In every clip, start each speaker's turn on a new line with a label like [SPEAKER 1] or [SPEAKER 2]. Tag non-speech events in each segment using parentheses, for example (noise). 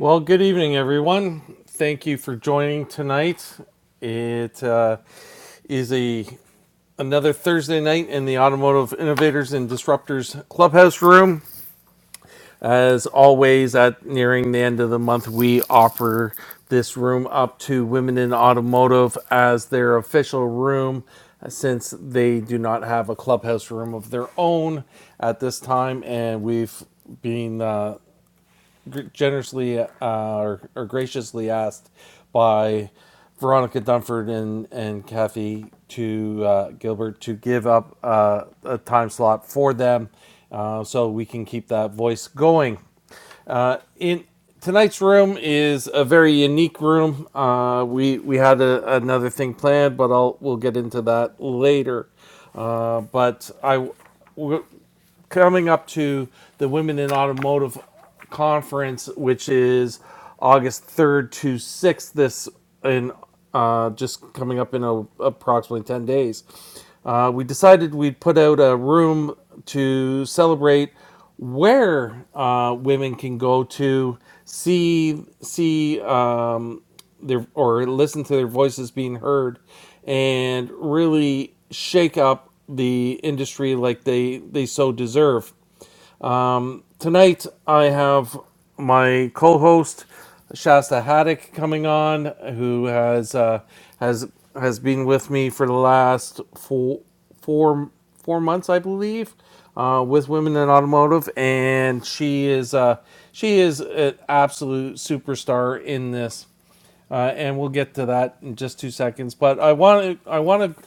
[SPEAKER 1] Well, good evening, everyone. Thank you for joining tonight. It uh, is a another Thursday night in the Automotive Innovators and Disruptors Clubhouse room. As always, at nearing the end of the month, we offer this room up to Women in Automotive as their official room, since they do not have a clubhouse room of their own at this time, and we've been uh, gr- generously uh, or, or graciously asked by Veronica Dunford and, and Kathy to uh, Gilbert to give up uh, a time slot for them uh, so we can keep that voice going. Uh, in tonight's room is a very unique room. Uh, we we had a, another thing planned, but I'll we'll get into that later. Uh, but I w- coming up to the Women in Automotive Conference, which is August 3rd to 6th, this in uh, just coming up in a, approximately 10 days. Uh, we decided we'd put out a room to celebrate where uh, women can go to see see um, their or listen to their voices being heard and really shake up the industry like they they so deserve. Um, tonight I have my co-host Shasta Haddock coming on, who has uh, has has been with me for the last four four four months, I believe, uh, with Women in Automotive, and she is uh, she is an absolute superstar in this uh, and we'll get to that in just two seconds. But I want to I want to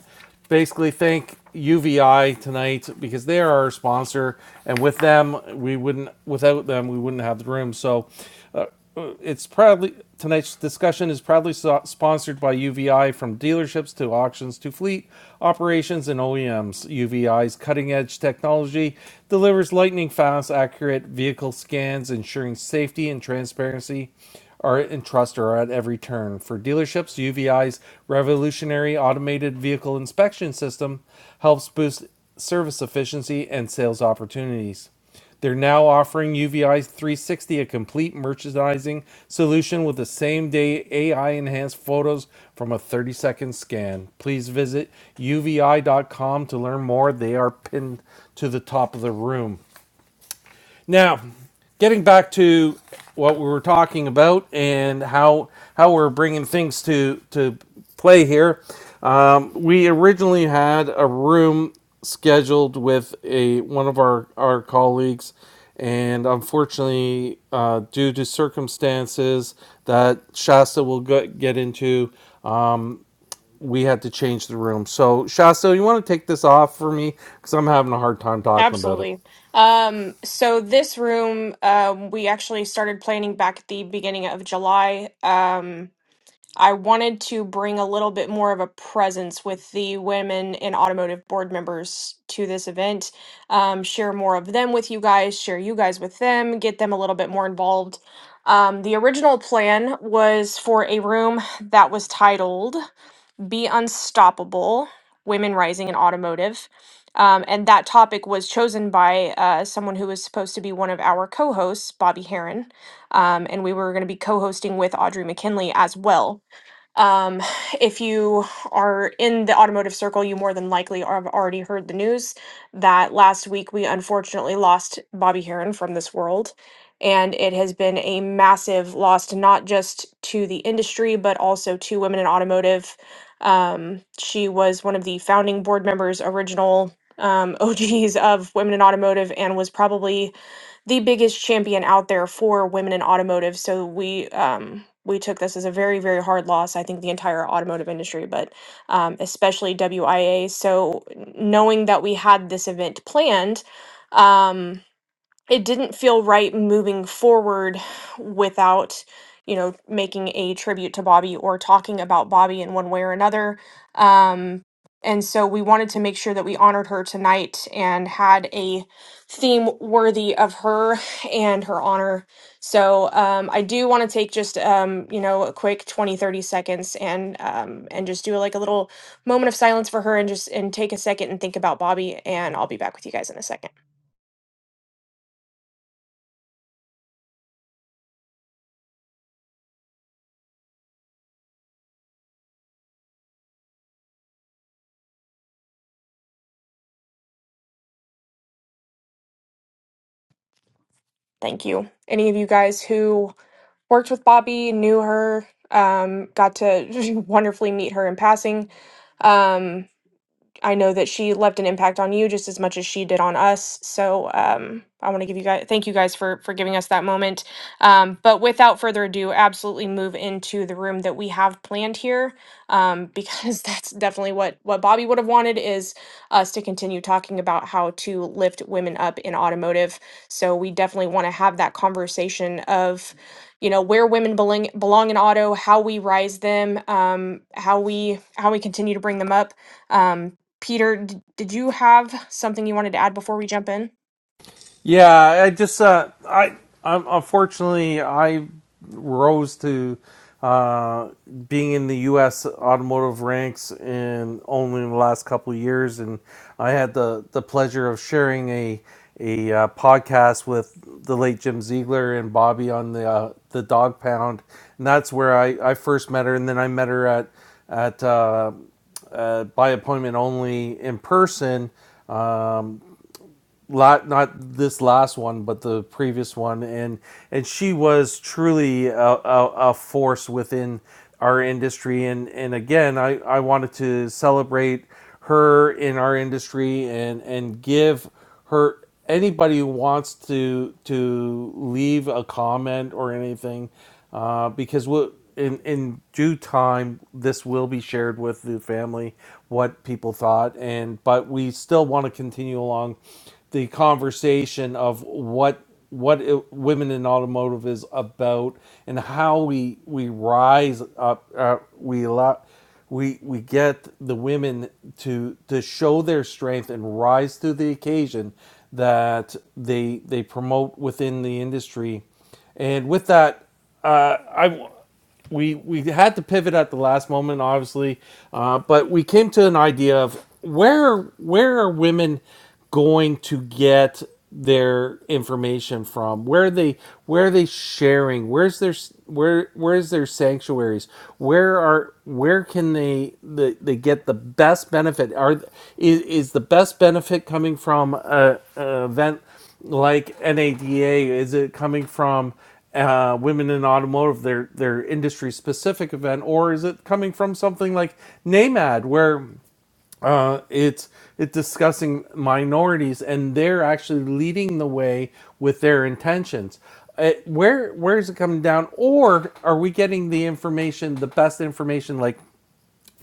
[SPEAKER 1] basically thank UVI tonight because they are our sponsor, and with them we wouldn't without them we wouldn't have the room. So uh, it's proudly tonight's discussion is proudly so- sponsored by UVI from dealerships to auctions to fleet operations and OEMs. UVI's cutting edge technology delivers lightning fast, accurate vehicle scans, ensuring safety and transparency are in trust are at every turn. For dealerships, UVI's revolutionary automated vehicle inspection system helps boost service efficiency and sales opportunities. They're now offering UVI 360 a complete merchandising solution with the same day AI enhanced photos from a 30 second scan. Please visit UVI dot com to learn more. They are pinned to the top of the room. Now, getting back to what we were talking about and how how we're bringing things to to play here, um, we originally had a room scheduled with a one of our our colleagues, and unfortunately, uh, due to circumstances that Shasta will go, get into. Um, we had to change the room. So, Shasta, you want to take this off for me? Because I'm having a hard time talking about it.
[SPEAKER 2] Absolutely. Um, so this room, um, we actually started planning back at the beginning of July. Um, I wanted to bring a little bit more of a presence with the women in automotive board members to this event, um, share more of them with you guys, share you guys with them, get them a little bit more involved. Um, the original plan was for a room that was titled be Unstoppable Women Rising in Automotive. Um, and that topic was chosen by uh, someone who was supposed to be one of our co hosts, Bobby Heron. Um, and we were going to be co hosting with Audrey McKinley as well. Um, if you are in the automotive circle, you more than likely have already heard the news that last week we unfortunately lost Bobby Heron from this world. And it has been a massive loss, not just to the industry, but also to women in automotive. Um, she was one of the founding board members, original um, (laughs) OGs of Women in Automotive, and was probably the biggest champion out there for women in automotive. So we um, we took this as a very very hard loss. I think the entire automotive industry, but um, especially WIA. So knowing that we had this event planned. Um, it didn't feel right moving forward without you know making a tribute to bobby or talking about bobby in one way or another um and so we wanted to make sure that we honored her tonight and had a theme worthy of her and her honor so um, i do want to take just um, you know a quick 20 30 seconds and um, and just do like a little moment of silence for her and just and take a second and think about bobby and i'll be back with you guys in a second Thank you. Any of you guys who worked with Bobby, knew her, um, got to (laughs) wonderfully meet her in passing. Um, I know that she left an impact on you just as much as she did on us. So um, I want to give you guys thank you guys for for giving us that moment. Um, but without further ado, absolutely move into the room that we have planned here um, because (laughs) that's definitely what what Bobby would have wanted is us to continue talking about how to lift women up in automotive. So we definitely want to have that conversation of you know where women belong belong in auto, how we rise them, um, how we how we continue to bring them up. Um, Peter, d- did you have something you wanted to add before we jump in?
[SPEAKER 1] Yeah, I just uh, I I'm, unfortunately I rose to uh, being in the U.S. automotive ranks in only in the last couple of years, and I had the the pleasure of sharing a a uh, podcast with the late Jim Ziegler and Bobby on the uh, the Dog Pound, and that's where I I first met her, and then I met her at at uh, uh, by appointment only in person lot not this last one but the previous one and and she was truly a, a, a force within our industry and and again i i wanted to celebrate her in our industry and and give her anybody who wants to to leave a comment or anything uh, because what in in due time this will be shared with the family what people thought and but we still want to continue along the conversation of what what it, women in automotive is about and how we we rise up uh, we allow we we get the women to to show their strength and rise to the occasion that they they promote within the industry and with that uh, I we we had to pivot at the last moment, obviously, uh, but we came to an idea of where where are women going to get their information from? Where are they where are they sharing? Where's their where where's their sanctuaries? Where are where can they the, they get the best benefit? Are is, is the best benefit coming from a, a event? like NADA? Is it coming from uh, Women in Automotive, their their industry specific event, or is it coming from something like NAMAD, where uh, it's it's discussing minorities and they're actually leading the way with their intentions? Uh, where where is it coming down, or are we getting the information, the best information, like?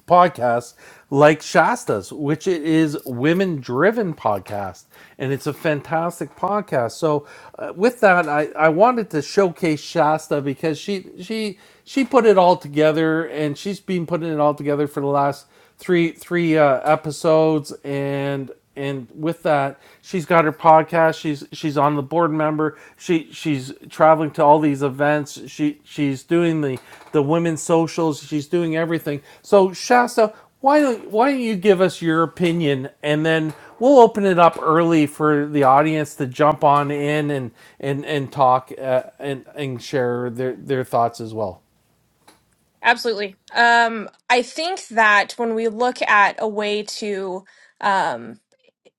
[SPEAKER 1] podcasts like Shasta's, which it is women driven podcast, and it's a fantastic podcast. So, uh, with that, I, I wanted to showcase Shasta because she she she put it all together, and she's been putting it all together for the last three three uh, episodes, and and with that, she's got her podcast. She's she's on the board member. She she's traveling to all these events. She she's doing the the women's socials. She's doing everything. So Shasta, why don't why don't you give us your opinion, and then we'll open it up early for the audience to jump on in and and and talk uh, and and share their their thoughts as well.
[SPEAKER 2] Absolutely. Um, I think that when we look at a way to um,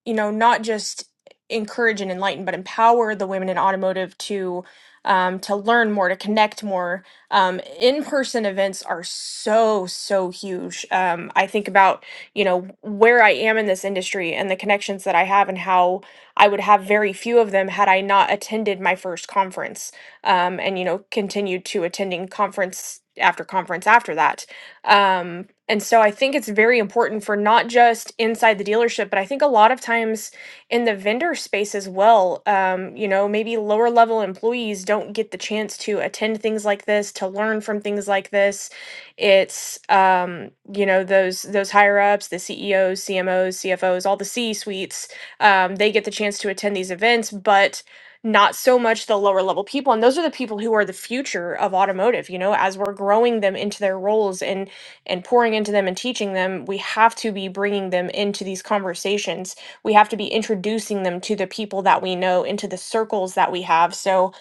[SPEAKER 2] you know, not just encourage and enlighten, but empower the women in automotive to um, to learn more, to connect more. Um, in-person events are so so huge. Um, I think about you know where I am in this industry and the connections that I have, and how I would have very few of them had I not attended my first conference, um, and you know continued to attending conference after conference after that um, and so I think it's very important for not just inside the dealership, but I think a lot of times in the vendor space as well, um, you know, maybe lower level employees don't get the chance to attend things like this, to learn from things like this. It's um, you know, those those higher ups, the CEOs, CMOs, CFOs, all the C suites, um, they get the chance to attend these events, but not so much the lower level people and those are the people who are the future of automotive you know as we're growing them into their roles and and pouring into them and teaching them, we have to be bringing them into these conversations. We have to be introducing them to the people that we know, into the circles that we have. So,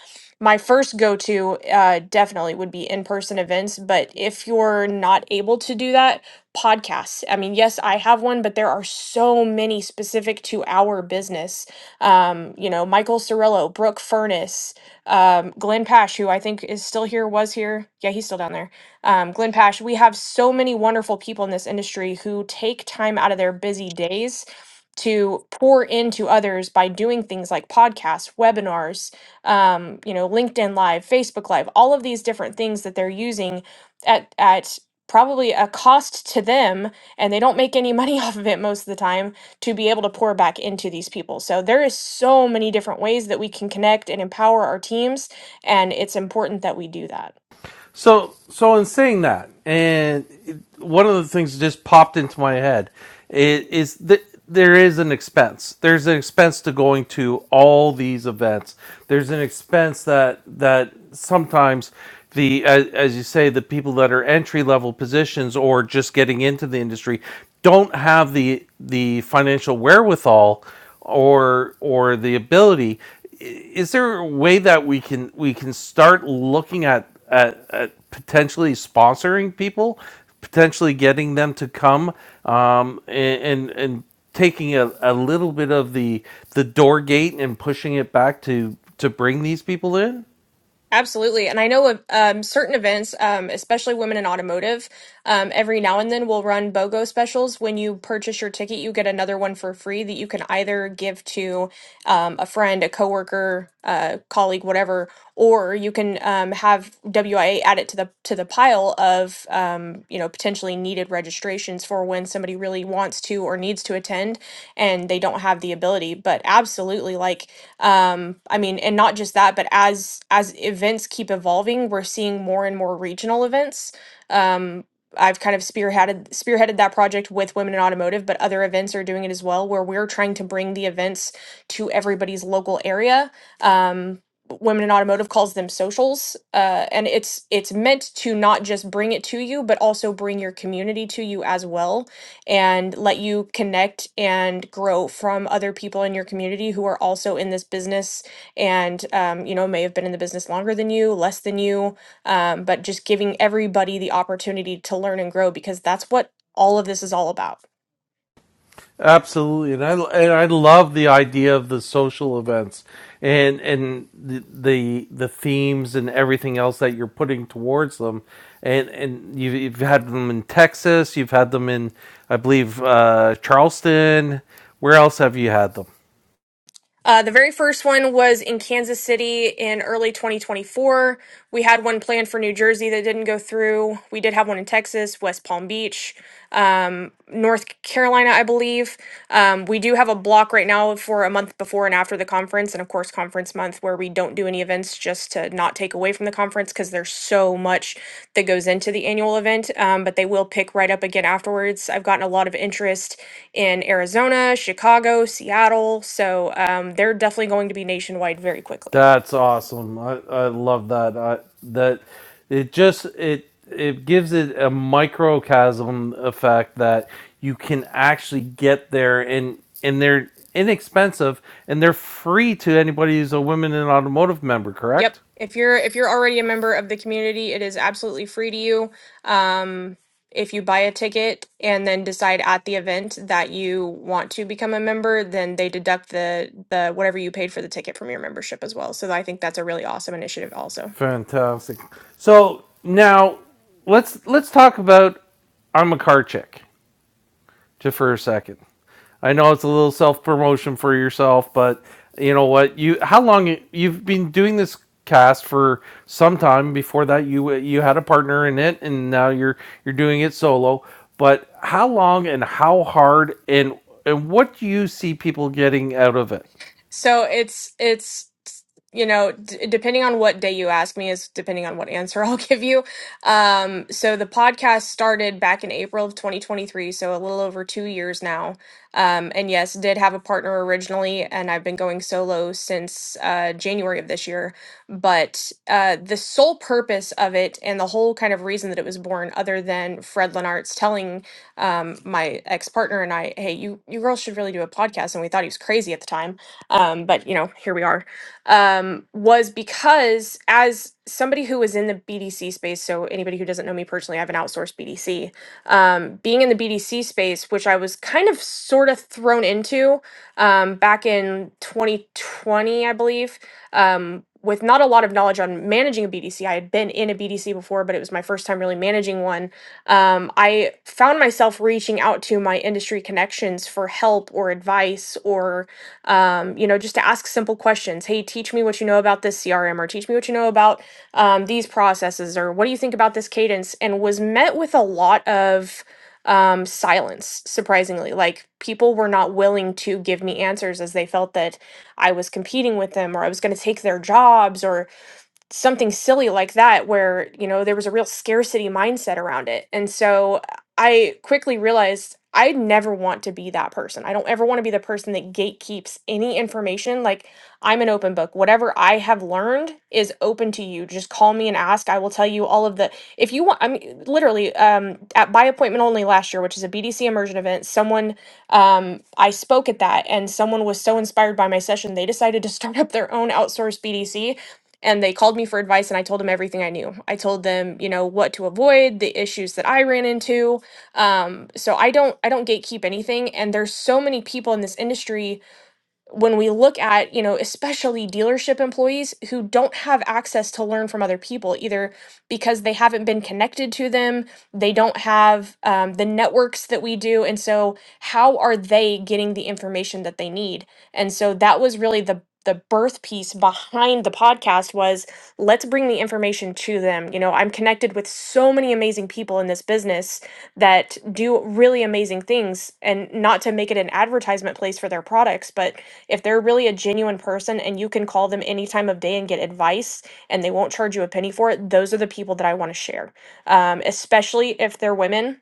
[SPEAKER 2] my first go to uh, definitely would be in person events. But if you're not able to do that, podcasts. I mean, yes, I have one, but there are so many specific to our business. Um, you know, Michael Cirillo, Brooke Furness, um, Glenn Pash, who I think is still here, was here. Yeah, he's still down there um, Glenn Pash, we have so many wonderful people in this industry who take time out of their busy days to pour into others by doing things like podcasts, webinars, um, you know, LinkedIn Live, Facebook Live, all of these different things that they're using at at probably a cost to them and they don't make any money (laughs) off of it most of the time to be able to pour back into these people. So there is so many different ways that we can connect and empower our teams and it's important that we do that.
[SPEAKER 1] So, so in saying that, and one of the things that just popped into my head is, is that there is an expense. There's an expense to going to all these events. There's an expense that that sometimes the as, as you say the people that are entry level positions or just getting into the industry don't have the the financial wherewithal or or the ability is there a way that we can we can start looking at at, at potentially sponsoring people potentially getting them to come um, and and, and taking a, a little bit of the the door gate and pushing it back to to bring these people in
[SPEAKER 2] Absolutely. And I know of um, certain events, um, especially women in automotive, um, every now and then will run BOGO specials. When you purchase your ticket, you get another one for free that you can either give to um, a friend, a coworker, a colleague, whatever, or you can um, have WIA add it to the to the pile of um, you know potentially needed registrations for when somebody really wants to or needs to attend and they don't have the ability. But absolutely, like um i mean and not just that but as as events keep evolving we're seeing more and more regional events um i've kind of spearheaded spearheaded that project with women in automotive but other events are doing it as well where we're trying to bring the events to everybody's local area um women in automotive calls them socials uh, and it's it's meant to not just bring it to you but also bring your community to you as well and let you connect and grow from other people in your community who are also in this business and um, you know may have been in the business longer than you less than you um, but just giving everybody the opportunity to learn and grow because that's what all of this is all about
[SPEAKER 1] Absolutely, and I and I love the idea of the social events and and the the, the themes and everything else that you're putting towards them, and and you've, you've had them in Texas, you've had them in I believe uh, Charleston. Where else have you had them?
[SPEAKER 2] Uh, the very first one was in Kansas City in early 2024. We had one planned for New Jersey that didn't go through. We did have one in Texas, West Palm Beach, um, North Carolina, I believe. Um, we do have a block right now for a month before and after the conference, and of course, conference month where we don't do any events just to not take away from the conference because there's so much that goes into the annual event. Um, but they will pick right up again afterwards. I've gotten a lot of interest in Arizona, Chicago, Seattle. So um, they're definitely going to be nationwide very quickly.
[SPEAKER 1] That's awesome. I, I love that. I, that it just it it gives it a microcosm effect that you can actually get there and and they're inexpensive and they're free to anybody who's a women in automotive member,
[SPEAKER 2] Yep.
[SPEAKER 1] correct?
[SPEAKER 2] If you're if you're already a member of the community, it is absolutely free to you. Um, if you buy a ticket and then decide at the event that you want to become a member, then they deduct the the whatever you paid for the ticket from your membership as well. So I think that's a really awesome initiative also.
[SPEAKER 1] Fantastic. So now let's let's talk about I'm a car chick. just for a second. I know it's a little self promotion for yourself, but you know what? You how long you- have been doing this cast for some time before that you you had a partner in it and now you're you're doing it solo but how long and how hard and and what do you see people getting out of it
[SPEAKER 2] So it's it's you know d- depending on what day you ask me is depending on what answer (laughs) I'll give you. Um, so the podcast started back in April of 2023, so a little over two years now. Um, and yes, did have a partner originally, and I've been going solo since uh, January of this year. But uh, the sole purpose of it and the whole kind of reason that it was born, other than Fred Lenart's telling um, my ex partner and I, "Hey, you you girls should really do a podcast," and we thought he was crazy at the time um, but you know, here we are, um, was because as somebody who was in the BDC space, so anybody who doesn't know me personally, I have an outsourced BDC. Um, being in the BDC space, which I was kind of sort of thrown into um, back in 2020, I believe. Um, with not a lot of knowledge on managing a BDC, I had been in a BDC before, but it was my first time really managing one. Um, I found myself reaching out to my industry connections for help or advice or um, you know, just to ask simple questions. Hey, teach me what you know about this CRM, or teach me what you know about um, these processes, or what do you think about this cadence? And was met with a lot of um, silence, surprisingly. Like people were not willing to give me answers as they felt that I was competing with them, or I was going to take their jobs, or something silly like that where you know there was a real scarcity mindset around it and so i quickly realized i never want to be that person i don't ever want to be the person that gatekeeps any information like i'm an open book whatever i have learned is open to you just call me and ask i will tell you all of the if you want i mean literally um at by appointment only last year which is a bdc immersion event someone um i spoke at that and someone was so inspired by my session they decided to start up their own outsourced bdc and they called me for advice and i told them everything i knew i told them you know what to avoid the issues that i ran into um, so i don't i don't gatekeep anything and there's so many people in this industry when we look at, you know, especially dealership employees who don't have access to learn from other people, either because they haven't been connected to them, they don't have um, the networks that we do. And so, how are they getting the information that they need? And so, that was really the the birth piece behind the podcast was let's bring the information to them. You know, I'm connected with so many amazing people in this business that do really amazing things and not to make it an advertisement place for their products, but if they're really a genuine person and you can call them any time of day and get advice and they won't charge you a penny for it, those are the people that I want to share, um, especially if they're women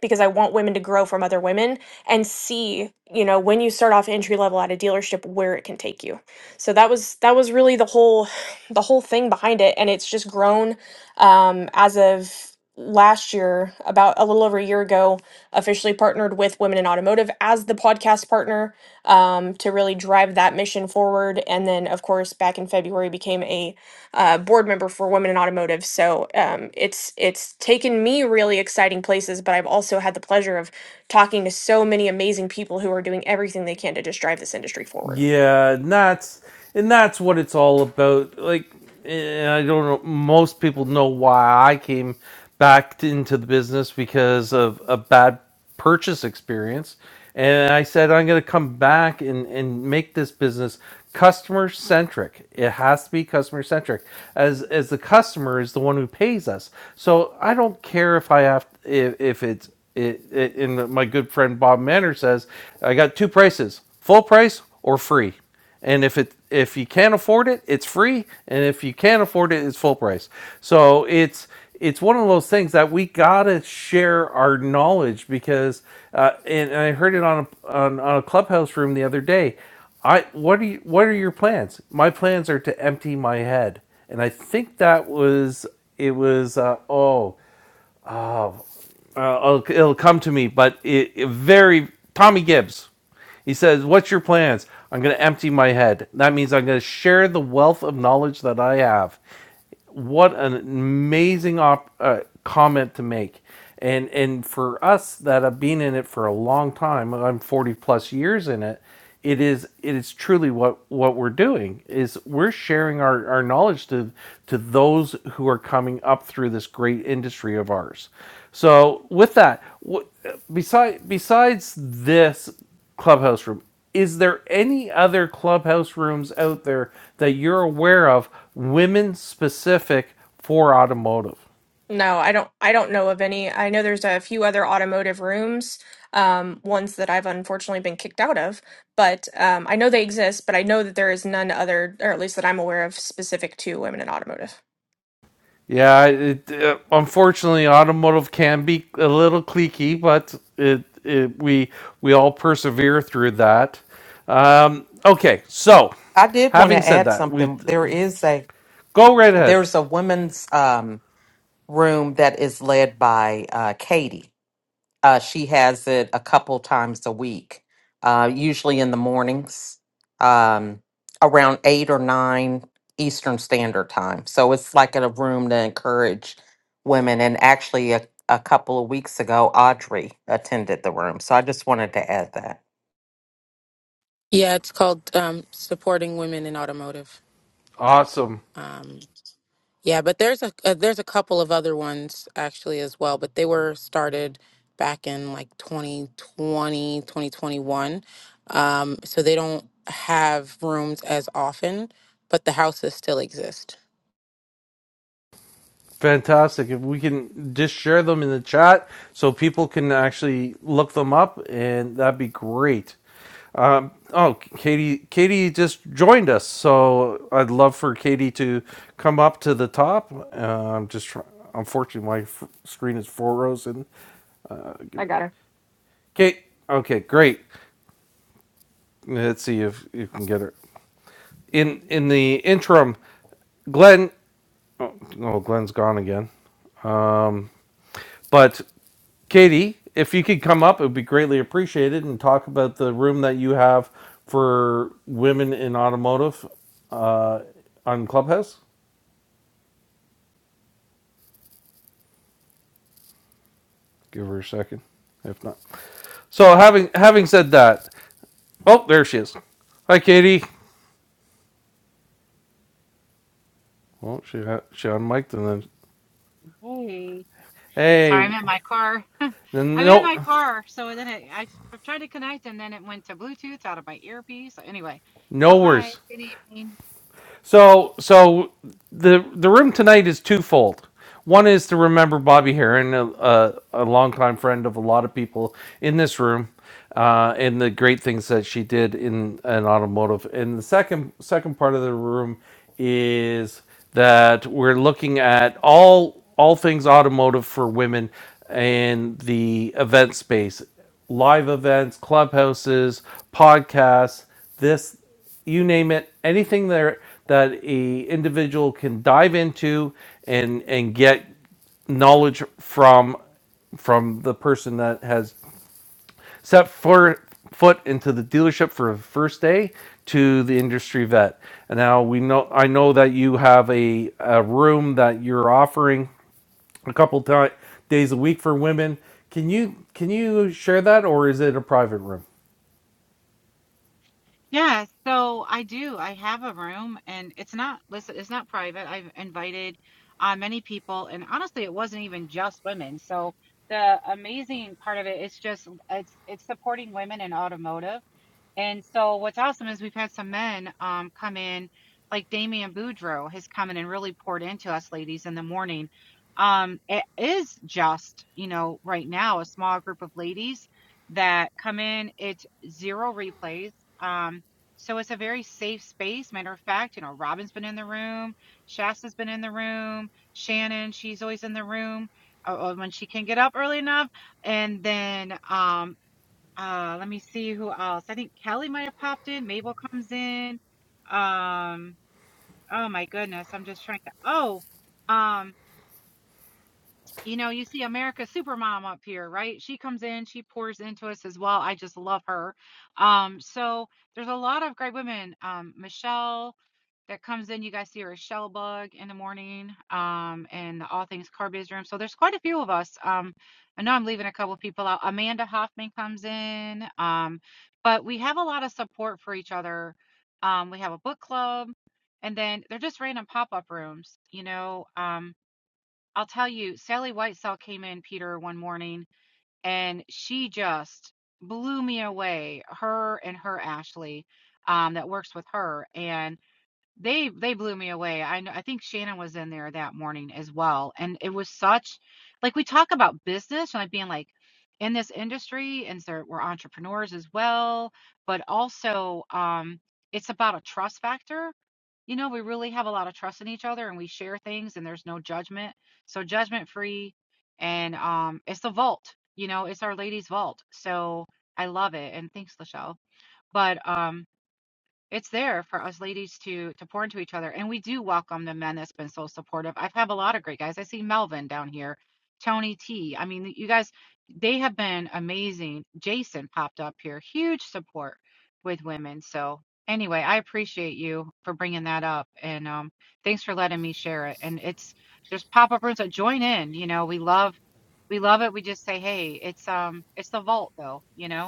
[SPEAKER 2] because I want women to grow from other women and see, you know, when you start off entry level at a dealership where it can take you. So that was that was really the whole (sighs) the whole thing behind it and it's just grown um as of last year about a little over a year ago officially partnered with women in automotive as the podcast partner um, to really drive that mission forward and then of course back in february became a uh, board member for Women in Automotive. So um, it's it's taken me really exciting places, but I've also had the pleasure of talking to so many amazing people who are doing everything they can to just drive this industry forward.
[SPEAKER 1] Yeah, and that's and that's what it's all about. Like, and I don't know. Most people know why I came back t- into the business because of a bad purchase experience, and I said I'm going to come back and and make this business customer centric. It has to be customer centric, as as the customer is the one who pays us. So I don't care if I have if, if it's it, it, and my good friend Bob Manner says, I got two prices: full price or free. And if it if you can't afford it, it's free, and if you can't afford it, it's full price. So it's it's one of those things that we gotta share our knowledge because, uh, and, and I heard it on a, on, on a clubhouse room the other day. I what are you, what are your plans? My plans are to empty my head, and I think that was it was uh, oh uh, it'll, it'll come to me, but it, it very Tommy Gibbs. He says, "What's your plans?" I'm going to empty my head. That means I'm going to share the wealth of knowledge that I have what an amazing op- uh, comment to make and and for us that have been in it for a long time i'm 40 plus years in it it is it is truly what what we're doing is we're sharing our, our knowledge to to those who are coming up through this great industry of ours so with that what, beside, besides this clubhouse room. Is there any other clubhouse rooms out there that you're aware of, women specific for automotive?
[SPEAKER 2] No, I don't I don't know of any. I know there's a few other automotive rooms, um, ones that I've unfortunately been kicked out of, but um, I know they exist, but I know that there is none other, or at least that I'm aware of, specific to women in automotive.
[SPEAKER 1] Yeah, it, uh, unfortunately, automotive can be a little cliquey, but it, it we we all persevere through that. Um, okay, so
[SPEAKER 3] I did want
[SPEAKER 1] having
[SPEAKER 3] to
[SPEAKER 1] said
[SPEAKER 3] add
[SPEAKER 1] that, we
[SPEAKER 3] something. There is a
[SPEAKER 1] go right ahead.
[SPEAKER 3] there's a women's um, room that is led by uh, Katie. Uh, she has it a couple times a week, uh, usually in the mornings, um, around eight or nine Eastern Standard Time. So it's like a room to encourage women. And actually, a, a couple of weeks ago, Audrey attended the room. So I just wanted to add that.
[SPEAKER 4] Yeah, it's called um, supporting women in automotive.
[SPEAKER 1] Awesome.
[SPEAKER 4] Um, yeah, but there's a, uh there's a couple of other ones actually as well, but they were started back in like 2020, 2021. Um, so they don't have rooms as often, but the houses still exist.
[SPEAKER 1] Fantastic. If we can just share them in the chat so people can actually look them up, and that'd be great. Um, oh, Katie, Katie just joined us, so I'd love for Katie to come up to the top. Uh, I'm just, try- unfortunately, my f- screen is four rows in. Uh, give
[SPEAKER 2] I
[SPEAKER 1] me-
[SPEAKER 2] got her.
[SPEAKER 1] Kate, okay, great. Let's see if you can get her in in the interim. Glenn, oh, Glenn's gone again. But Katie, if you could come up, it would be greatly appreciated and talk about the room that you have for women in automotive uh, on Clubhouse. Give her a second, if not. So having having said that, oh, there she is. Hi, Katie. Well, she she unmiked and then
[SPEAKER 5] Hey, sorry, I'm
[SPEAKER 1] hey,
[SPEAKER 5] in my car. (laughs)
[SPEAKER 1] then
[SPEAKER 5] I'm in
[SPEAKER 1] no,
[SPEAKER 5] my car, so then it, I tried to connect, and then it went to Bluetooth out of my earpiece. So anyway, so
[SPEAKER 1] no
[SPEAKER 5] hi,
[SPEAKER 1] worries.
[SPEAKER 5] good evening.
[SPEAKER 1] So so the the room tonight is twofold. One is to remember Bobby Heron, a, a, a longtime friend of a lot of people in this room, uh, and the great things that she did in an automotive. And the second second part of the room is that we're looking at all all things automotive for women and the event space, live events, clubhouses, podcasts, this you name it, anything there that a individual can dive into and and get knowledge from from the person that has set for, foot into the dealership for the first day to the industry vet. And now we know I know that you have a, a room that you're offering a couple ti days a week for women. Can you can you share that or is it a private room?
[SPEAKER 5] Yeah, so I do. I have a room and it's not, listen, it's not private. I've invited uh, many people, and honestly, it wasn't even just women. So the amazing part of it is just it's it's supporting women in automotive. And so what's awesome is we've had some men um come in, like Damian Boudreau has come in and really poured into us ladies in the morning. Um, it is just, you know, right now a small group of ladies that come in. It's zero replays. Um, so it's a very safe space. Matter of fact, you know, Robin's been in the room, Shasta's been in the room, Shannon, she's always in the room uh, uh, when she can get up early enough. And then um, uh, let me see who else. I think Kelly might have popped in. Mabel comes in. Um, oh my goodness, I'm just trying to. Oh, um, you know, you see America's Supermom up here, right? She comes in, she pours into us as well. I just love her. Um, so there's a lot of great women. Um, Michelle that comes in, you guys see her as Shell Bug in the morning, um, and the All Things Car Biz room. So there's quite a few of us. Um, I know I'm leaving a couple of people out. Amanda Hoffman comes in. Um, but we have a lot of support for each other. Um, we have a book club, and then they're just random pop-up rooms, you know. Um, I'll tell you, Sally Whitesaw came in, Peter, one morning, and she just blew me away. Her and her Ashley, um, that works with her, and. They they blew me away. I know I think Shannon was in there that morning as well, and it was such like we talk about business and like being like in this industry, and so we're entrepreneurs as well, but also um, it's about a trust factor. You know, we really have a lot of trust in each other, and we share things, and there's no judgment, so judgment free, and um, it's the vault. You know, it's our ladies' vault. So I love it, and thanks, Lachelle. But um, it's there for us ladies to to pour into each other, and we do welcome the men that's been so supportive. I've have a lot of great guys. I see Melvin down here, Tony T. I mean, you guys, they have been amazing. Jason popped up here, huge support with women. So anyway, I appreciate you for bringing that up, and um, thanks for letting me share it. And it's there's pop up rooms that join in. You know, we love we love it. We just say, hey, it's um, it's the vault though. You know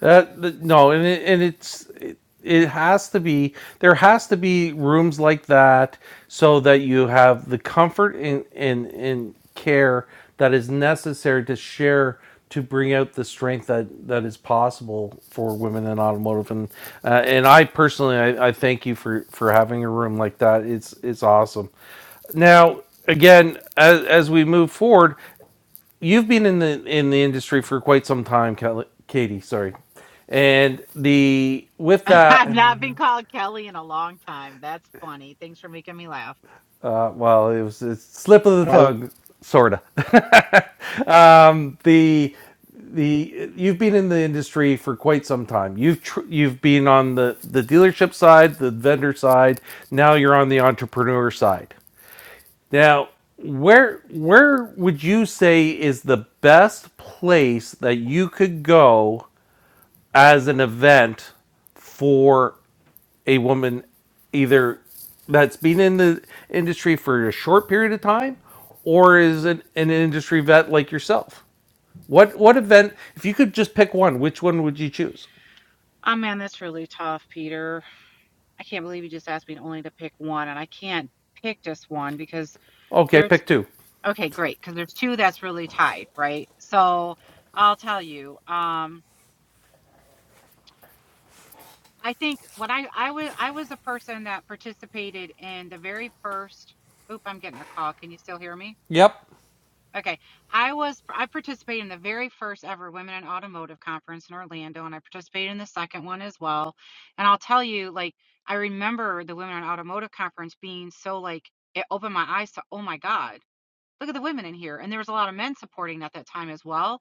[SPEAKER 1] Uh, th- no, and it, and it's it, it has to be there has to be rooms like that so that you have the comfort and and and care that is necessary to share to bring out the strength that that is possible for women in automotive and uh, and I personally I, I thank you for for having a room like that. It's it's awesome. Now, again, as, as we move forward, you've been in the in the industry for quite some time, Katie. Sorry, and the with
[SPEAKER 5] (laughs)
[SPEAKER 1] that,
[SPEAKER 5] I've not been called Kelly in a long time. That's funny. Thanks for making me laugh.
[SPEAKER 1] uh, well, it was a slip of the
[SPEAKER 6] I.
[SPEAKER 1] tongue, sorta. (laughs) the the you've been in the industry for quite some time. You've tr- you've been on the the dealership side, the vendor side. Now you're on the entrepreneur side. Now, where where would you say is the best place that you could go as an event for a woman either that's been in the industry for a short period of time or is an, an industry vet like yourself? What what event if you could just pick one, which one would you choose?
[SPEAKER 5] Oh man, that's really tough, Peter. I can't believe you just asked me only to pick one, and I can't pick just one because
[SPEAKER 1] Okay,
[SPEAKER 5] there's
[SPEAKER 1] pick two.
[SPEAKER 5] okay, great, because there's two that's really tied, right? So I'll tell you. Um, I think when I I was I was a person that participated in the very first. Oop, I'm getting a call. Can you still hear me?
[SPEAKER 1] Yep.
[SPEAKER 5] Okay. I was I participated in the very first ever Women in Automotive conference in Orlando and I participated in the second one as well. And I'll tell you like I remember the Women in Automotive conference being so like it opened my eyes to oh my god look at the women in here. And there was a lot of men supporting at that time as well.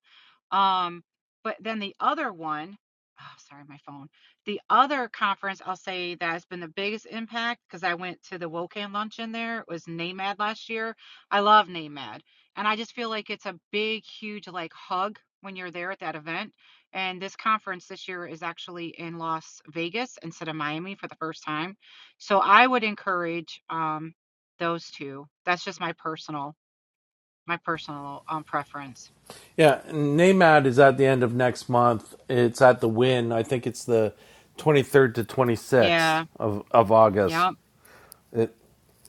[SPEAKER 5] Um, but then the other one, oh, sorry, my phone. The other conference I'll say that has been the biggest impact because I went to the WOCAN luncheon there was NAMAD last year. I love NAMAD. And I just feel like it's a big, huge like hug when you're there at that event. And this conference this year is actually in Las Vegas instead of Miami for the first time. So I would encourage um, those two. That's just my personal my personal um preference.
[SPEAKER 1] Yeah, NAMAD is at the end of next month. It's at the Win. I think it's the 23rd to 26th
[SPEAKER 5] Yeah,
[SPEAKER 1] of, of August.
[SPEAKER 5] yeah.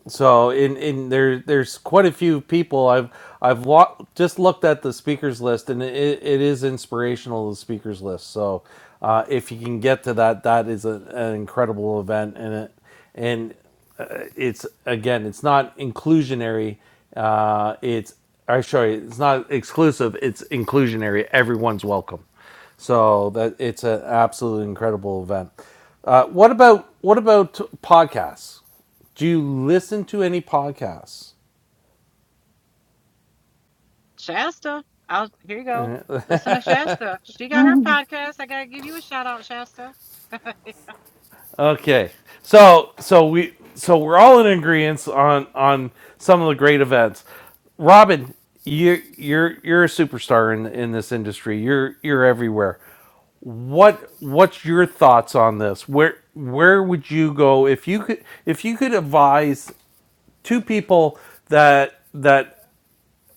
[SPEAKER 1] So in in there there's quite a few people I've I've lo- just looked at the speakers list and it, it is inspirational the speakers list. So uh, if you can get to that, that is a, an incredible event and it and uh, it's again it's not inclusionary. Uh, it's I show you it's not exclusive. It's inclusionary. Everyone's welcome. So that it's an absolutely incredible event. Uh, what about what about podcasts? Do you listen to any podcasts?
[SPEAKER 5] Shasta, I'll here you go. Listen to Shasta. She got her podcast. I gotta give you a shout out, Shasta. (laughs)
[SPEAKER 1] Okay. So so we so we're all in agreement on on some of the great events. Robin, you you're you're a superstar in in this industry. You're you're everywhere. What what's your thoughts on this? Where where would you go if you could if you could advise two people that that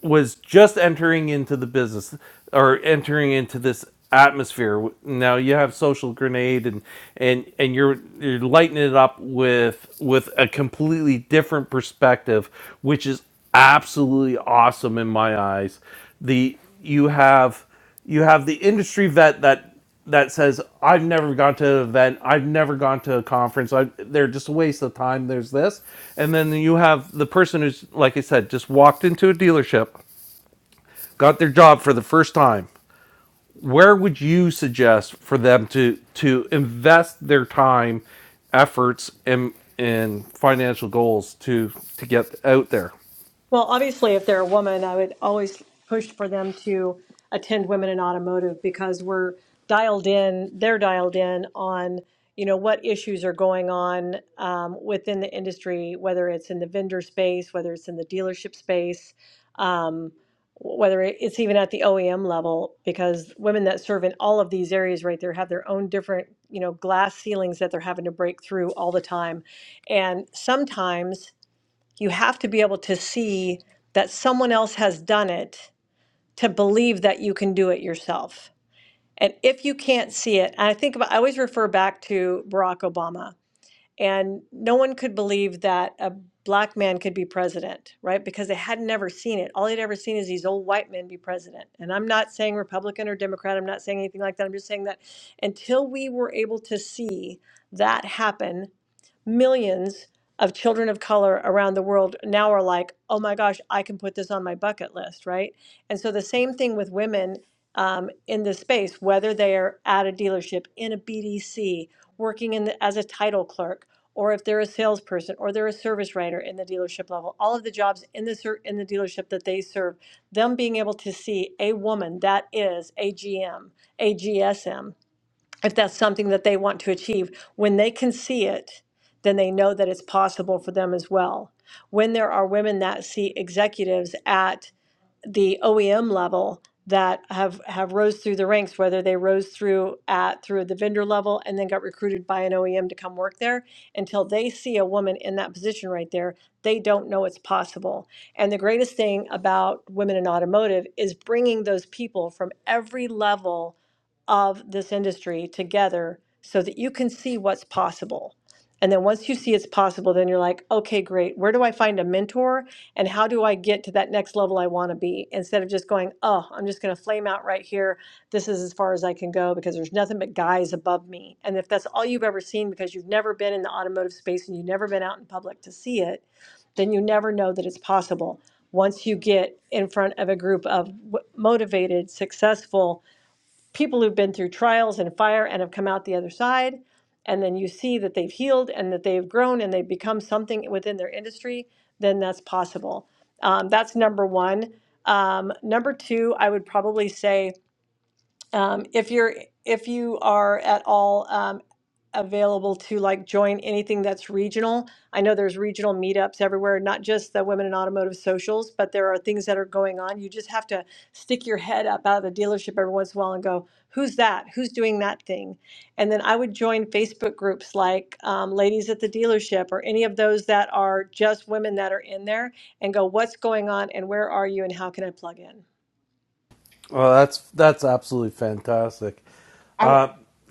[SPEAKER 1] was just entering into the business or entering into this atmosphere. Now you have Social Grenade and and and you're you're lighting it up with with a completely different perspective, which is absolutely awesome in my eyes. The you have you have the industry vet that that says, "I've never gone to an event. I've never gone to a conference. I, they're just a waste of time." There's this, and then you have the person who's, like I said, just walked into a dealership, got their job for the first time. Where would you suggest for them to to invest their time, efforts, and and financial goals to to get out there?
[SPEAKER 7] Well, obviously, if they're a woman, I would always push for them to attend Women in Automotive because we're dialed in, they're dialed in on, you know, what issues are going on um, within the industry, whether it's in the vendor space, whether it's in the dealership space, um, whether it's even at the OEM level, because women that serve in all of these areas right there have their own different, you know, glass ceilings that they're having to break through all the time. And sometimes, you have to be able to see that someone else has done it to believe that you can do it yourself. And if you can't see it, and I think about, I always refer back to Barack Obama, and no one could believe that a black man could be president, right? Because they had never seen it. All they'd ever seen is these old white men be president. And I'm not saying Republican or Democrat, I'm not saying anything like that. I'm just saying that until we were able to see that happen millions of children of color around the world now are like, oh my gosh, I can put this on my bucket list, right? And so the same thing with women um, in this space, whether they are at a dealership, in a BDC, working in the, as a title clerk, or if they're a salesperson, or they're a service writer in the dealership level, all of the jobs in the ser- in the dealership that they serve, them being able to see a woman that is a GM, a GSM if that's something that they want to achieve. When they can see it, then they know that it's possible for them as well. When there are women that see executives at the OEM level that have have rose through the ranks, whether they rose through at through the vendor level and then got recruited by an OEM to come work there, until they see a woman in that position right there, they don't know it's possible. And the greatest thing about women in automotive is bringing those people from every level of this industry together so that you can see what's possible. And then once you see it's possible, then you're like, okay, great. Where do I find a mentor? and how do I get to that next level I want to be instead of just going, oh, I'm just going to flame out right here. This is as far as I can go because there's nothing but guys above me. And if that's all you've ever seen because you've never been in the automotive space and you've never been out in public to see it, then you never know that it's possible. Once you get in front of a group of w- motivated, successful, people who've been through trials and fire and have come out the other side. And then you see that they've healed and that they've grown and they've become something within their industry, then that's possible. Um, that's number one. Um, number two, I would probably say um, if you're if you are at all um, available to like join anything that's regional, I know there's regional meetups everywhere, not just the Women in Automotive socials, but there are things that are going on. You just have to stick your head up out of the dealership every once in a while and go, "Who's that? Who's doing that thing?" And then I would join Facebook groups like um, Ladies at the Dealership or any of those that are just women that are in there, and go, "What's going on? And where are you? And how can I plug in?"
[SPEAKER 1] Well, that's that's absolutely fantastic.
[SPEAKER 2] I,
[SPEAKER 1] Uh,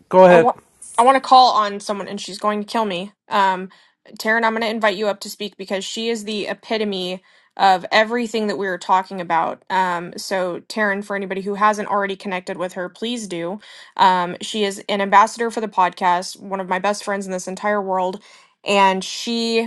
[SPEAKER 1] go
[SPEAKER 2] I
[SPEAKER 1] ahead.
[SPEAKER 2] want I want to call on someone and she's going to kill me. Um Taryn, I'm going to invite you up to speak because she is the epitome of everything that we were talking about. Um, so, Taryn, for anybody who hasn't already connected with her, please do. Um, she is an ambassador for the podcast, one of my best friends in this entire world, and she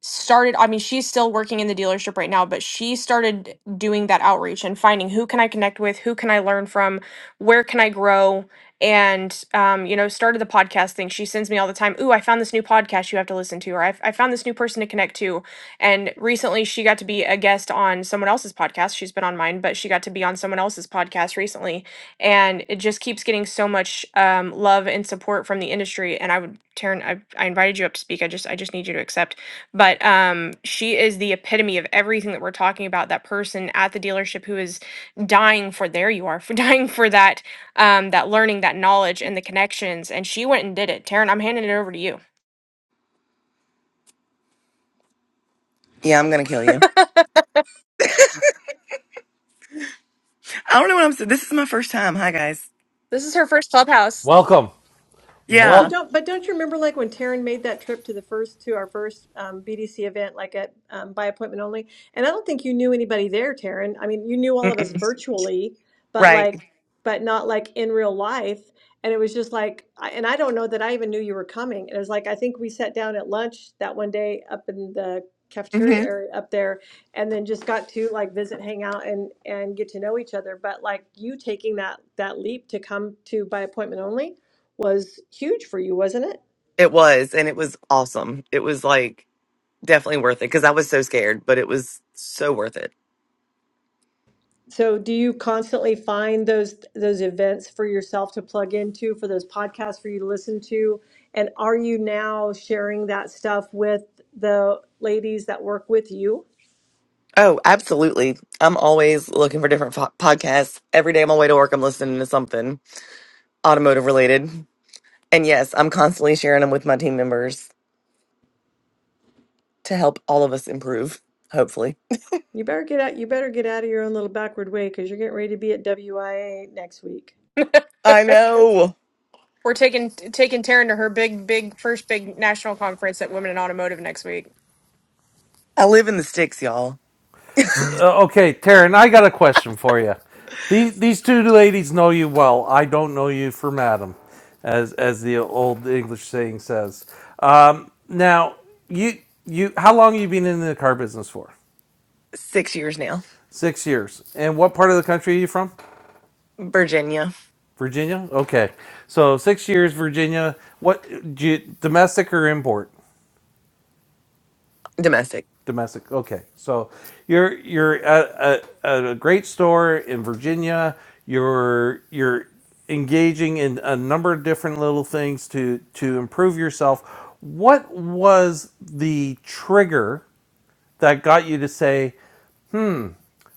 [SPEAKER 2] started i mean she's still working in the dealership right now but she started doing that outreach and finding who can i connect with who can i learn from where can i grow and um, you know started the podcast thing she sends me all the time ooh i found this new podcast you have to listen to or I, I found this new person to connect to and recently she got to be a guest on someone else's podcast she's been on mine but she got to be on someone else's podcast recently and it just keeps getting so much um, love and support from the industry and i would Taryn, I, I invited you up to speak i just i just need you to accept but um she is the epitome of everything that we're talking about that person at the dealership who is dying for there you are (laughs) for dying for that um that learning that knowledge and the connections and she went and did it taryn i'm handing it over to you
[SPEAKER 8] Yeah, I'm gonna kill you.
[SPEAKER 2] (laughs)
[SPEAKER 8] I don't know what I'm saying. This is my first time. Hi, guys.
[SPEAKER 2] this is her first clubhouse
[SPEAKER 1] Welcome.
[SPEAKER 7] But you
[SPEAKER 8] Yeah.
[SPEAKER 1] Well,
[SPEAKER 7] don't, but don't you remember like when Taryn made that trip to the first, to our first um, BDC event, like at um, by appointment only? And I don't think you knew anybody there, Taryn. I mean, you knew all of us
[SPEAKER 8] Mm-mm.
[SPEAKER 7] virtually, but
[SPEAKER 8] Right.
[SPEAKER 7] like, but not like in real life. And it was just like, I, and I don't know that I even knew you were coming. It was like, I think we sat down at lunch that one day up in the cafeteria
[SPEAKER 8] hmm
[SPEAKER 7] area up there and then just got to like visit, hang out and, and get to know each other. But like you taking that, that leap to come to by appointment only was huge for you, wasn't it?
[SPEAKER 8] It was, and it was awesome. It was like definitely worth it because I was so scared, but it was so worth it.
[SPEAKER 7] So do you constantly find those those events for yourself to plug into, for those podcasts for you to listen to? And are you now sharing that stuff with the ladies that work with you?
[SPEAKER 8] Oh, absolutely. I'm always looking for different fo- podcasts. Every day on my way to work, I'm listening to something automotive related. And yes, I'm constantly sharing them with my team members to help all of us improve, hopefully.
[SPEAKER 7] You better get out you better get out of your own little backward way because you're getting ready to be at WIA next week.
[SPEAKER 8] I
[SPEAKER 2] (laughs)
[SPEAKER 8] know.
[SPEAKER 2] we're taking taking taryn to her big big first big national conference at women in automotive next week
[SPEAKER 8] I live in the sticks, y'all.
[SPEAKER 1] So, uh, okay, Taryn, I got a question for you. These these two ladies know you well. I don't know you for madam, as as the old English saying says. Um, now, you you how long you been in the car business for?
[SPEAKER 8] Six years now.
[SPEAKER 1] Six years. And what part of the country are you from?
[SPEAKER 8] Virginia.
[SPEAKER 1] Virginia. Okay, so six years, Virginia. What do you, domestic or import?
[SPEAKER 8] Domestic.
[SPEAKER 1] Domestic. Okay, so you're you're at a, at a great store in Virginia. You're you're engaging in a number of different little things to to improve yourself. What was the trigger that got you to say?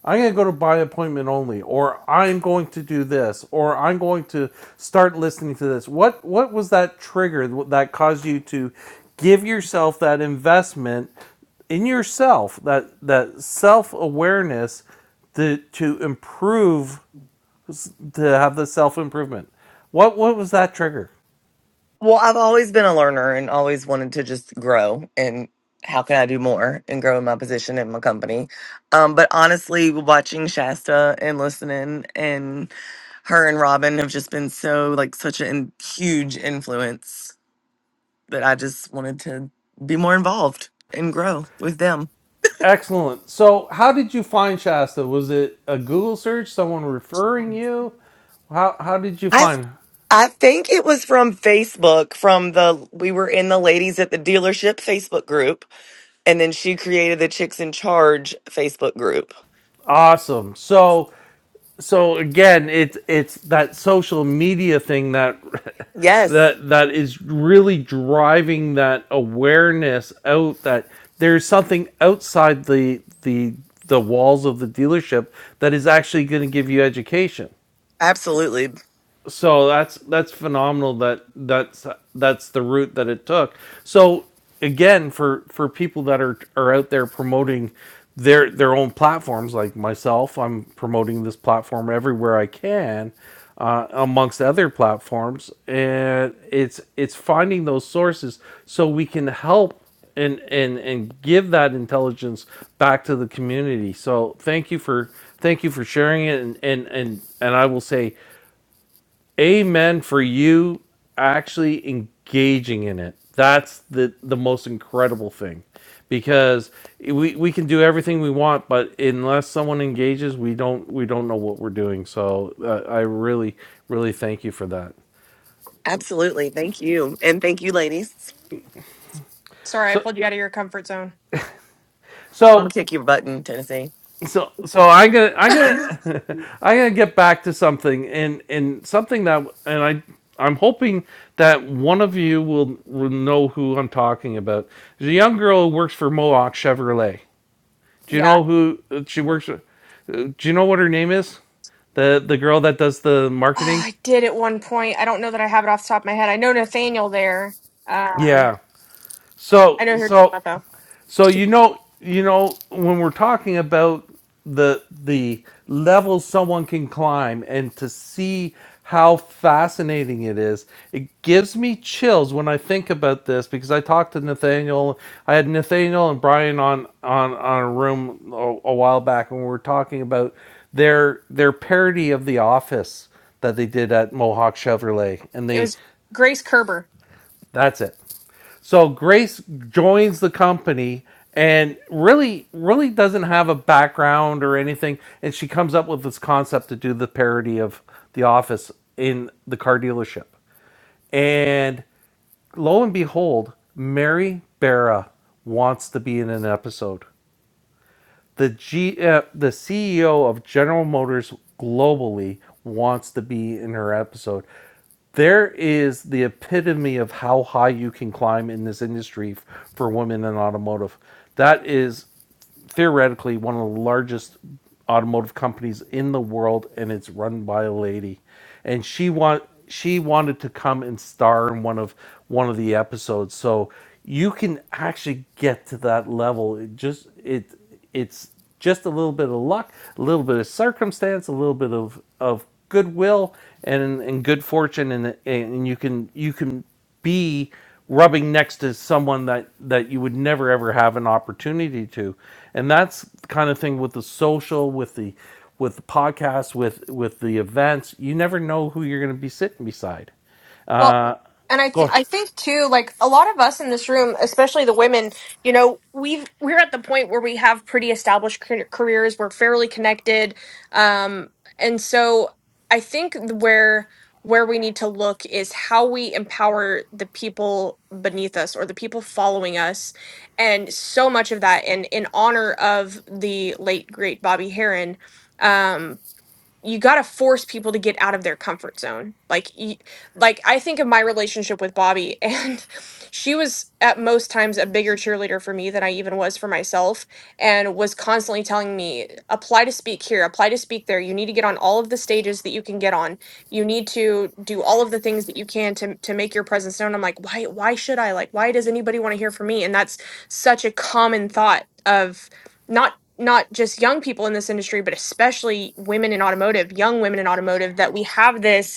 [SPEAKER 1] I'm going to go to by appointment only, or I'm going to do this, or I'm going to start listening to this. What what was that trigger that caused you to give yourself that investment in yourself, that that self awareness to to improve, to have the self improvement? What what was that trigger?
[SPEAKER 8] Well, I've always been a learner and always wanted to just grow and how can I do more and grow in my position in my company. Um, but honestly, watching Shasta and listening and her and Robin have just been so like such a in- huge influence that I just wanted to be more involved and grow with them.
[SPEAKER 1] Excellent. So, how did you find Shasta? Was it a Google search? Someone referring you? How how did you
[SPEAKER 8] I
[SPEAKER 1] find?
[SPEAKER 8] I think it was from Facebook from the we were in the ladies at the dealership Facebook group and then she created the chicks in charge Facebook group
[SPEAKER 1] Awesome. So so again it's it's that social media thing that (laughs)
[SPEAKER 8] Yes,
[SPEAKER 1] that that is really driving that awareness out that there's something outside the the the walls of the dealership that is actually going to give you education
[SPEAKER 8] absolutely.
[SPEAKER 1] so that's that's phenomenal that that's that's the route that it took so again for for people that are are out there promoting their their own platforms like myself i'm promoting this platform everywhere i can uh, amongst other platforms and it's it's finding those sources so we can help and and and give that intelligence back to the community so thank you for thank you for sharing it and and and, and i will say amen for you actually engaging in it that's the the most incredible thing because we we can do everything we want but unless someone engages we don't we don't know what we're doing so uh, i really really thank you for that
[SPEAKER 8] Absolutely. Thank you. And thank you, ladies.
[SPEAKER 2] sorry i
[SPEAKER 1] so
[SPEAKER 2] pulled you out of your comfort zone
[SPEAKER 8] I'm going
[SPEAKER 1] so
[SPEAKER 8] to kick your button, Tennessee.
[SPEAKER 1] so so i'm gonna i'm gonna
[SPEAKER 8] (laughs)
[SPEAKER 1] (laughs) i'm gonna get back to something and and something that and i i'm hoping that one of you will, will know who i'm talking about there's a young girl who works for mohawk chevrolet do you
[SPEAKER 2] yeah
[SPEAKER 1] know who uh, she works with Uh, do you know what her name is the the girl that does the
[SPEAKER 2] oh,
[SPEAKER 1] marketing
[SPEAKER 2] i did at one point i don't know that i have it off the top of my head i know nathaniel there um
[SPEAKER 1] yeah
[SPEAKER 2] i
[SPEAKER 1] so
[SPEAKER 2] know who you're talking
[SPEAKER 1] so
[SPEAKER 2] about, though
[SPEAKER 1] So you know, you know, when we're talking about the the levels someone can climb and to see how fascinating it is, it gives me chills when I think about this because I talked to Nathaniel. I had Nathaniel and Brian on on on a room a, a while back when we were talking about their their parody of The Office that they did at Mohawk Chevrolet, and
[SPEAKER 2] It
[SPEAKER 1] they
[SPEAKER 2] was Grace Kerber.
[SPEAKER 1] that's it. So Grace joins the company and really, really doesn't have a background or anything. And she comes up with this concept to do the parody of The Office in the car dealership. And lo and behold, Mary Barra wants to be in an episode. The G, uh, the CEO of General Motors globally wants to be in her episode. There is the epitome of how high you can climb in this industry f- for women in automotive. That is theoretically one of the largest automotive companies in the world and it's run by a lady and she want she wanted to come and star in one of one of the episodes so you can actually get to that level it just it it's just a little bit of luck, a little bit of circumstance, a little bit of, of goodwill and, and good fortune, and, and you can you can be rubbing next to someone that, that you would never ever have an opportunity to, and that's the kind of thing with the social, with the with the podcast, with with the events. You never know who you're going to be sitting beside.
[SPEAKER 2] Well, and I th-
[SPEAKER 1] Go
[SPEAKER 2] I think too, like a lot of us in this room, especially the women, you know, we've we're at the point where we have pretty established car- careers. We're fairly connected, um, and so I think where where we need to look is how we empower the people beneath us or the people following us and so much of that and in honor of the late great bobby Harron, um, you got to force people to get out of their comfort zone. Like you, like I think of my relationship with Bobby and (laughs) she was at most times a bigger cheerleader for me than I even was for myself and was constantly telling me apply to speak here, apply to speak there. You need to get on all of the stages that you can get on. You need to do all of the things that you can to to make your presence known. I'm like, "Why why should I? Like why does anybody want to hear from me?" And that's such a common thought of not not just young people in this industry but especially women in automotive young women in automotive that we have this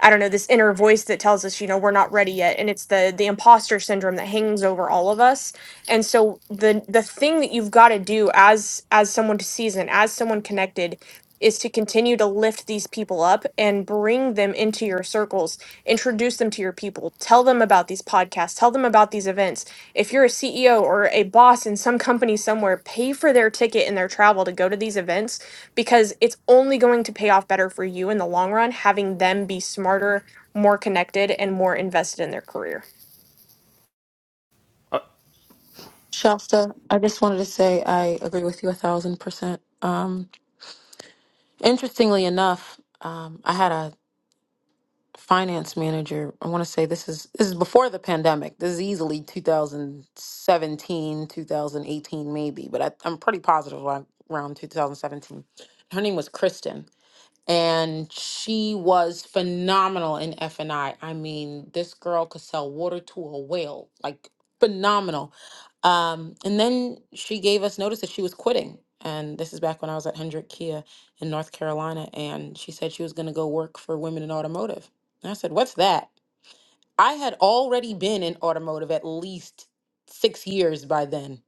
[SPEAKER 2] I don't know, this inner voice that tells us, you know, we're not ready yet. And it's the the imposter syndrome that hangs over all of us. And so the the thing that you've got to do as as someone to season, as someone connected, is to continue to lift these people up and bring them into your circles, introduce them to your people, tell them about these podcasts, tell them about these events. If you're a CEO or a boss in some company somewhere, pay for their ticket and their travel to go to these events because it's only going to pay off better for you in the long run having them be smarter, more connected, and more invested in their career.
[SPEAKER 4] Shasta, I just wanted to say I agree with you a thousand percent. Um, interestingly enough, um, I had a finance manager. I want to say this is this is before the pandemic. This is easily 2017, 2018, maybe, but I, I'm pretty positive around around 2017. Her name was Kristen and she was phenomenal in F and I. I mean, this girl could sell water to a whale, like phenomenal. Um, and then she gave us notice that she was quitting. And this is back when I was at Hendrick Kia in North Carolina, and she said she was going to go work for Women in Automotive. And I said, "What's that?" I had already been in automotive at least six years by then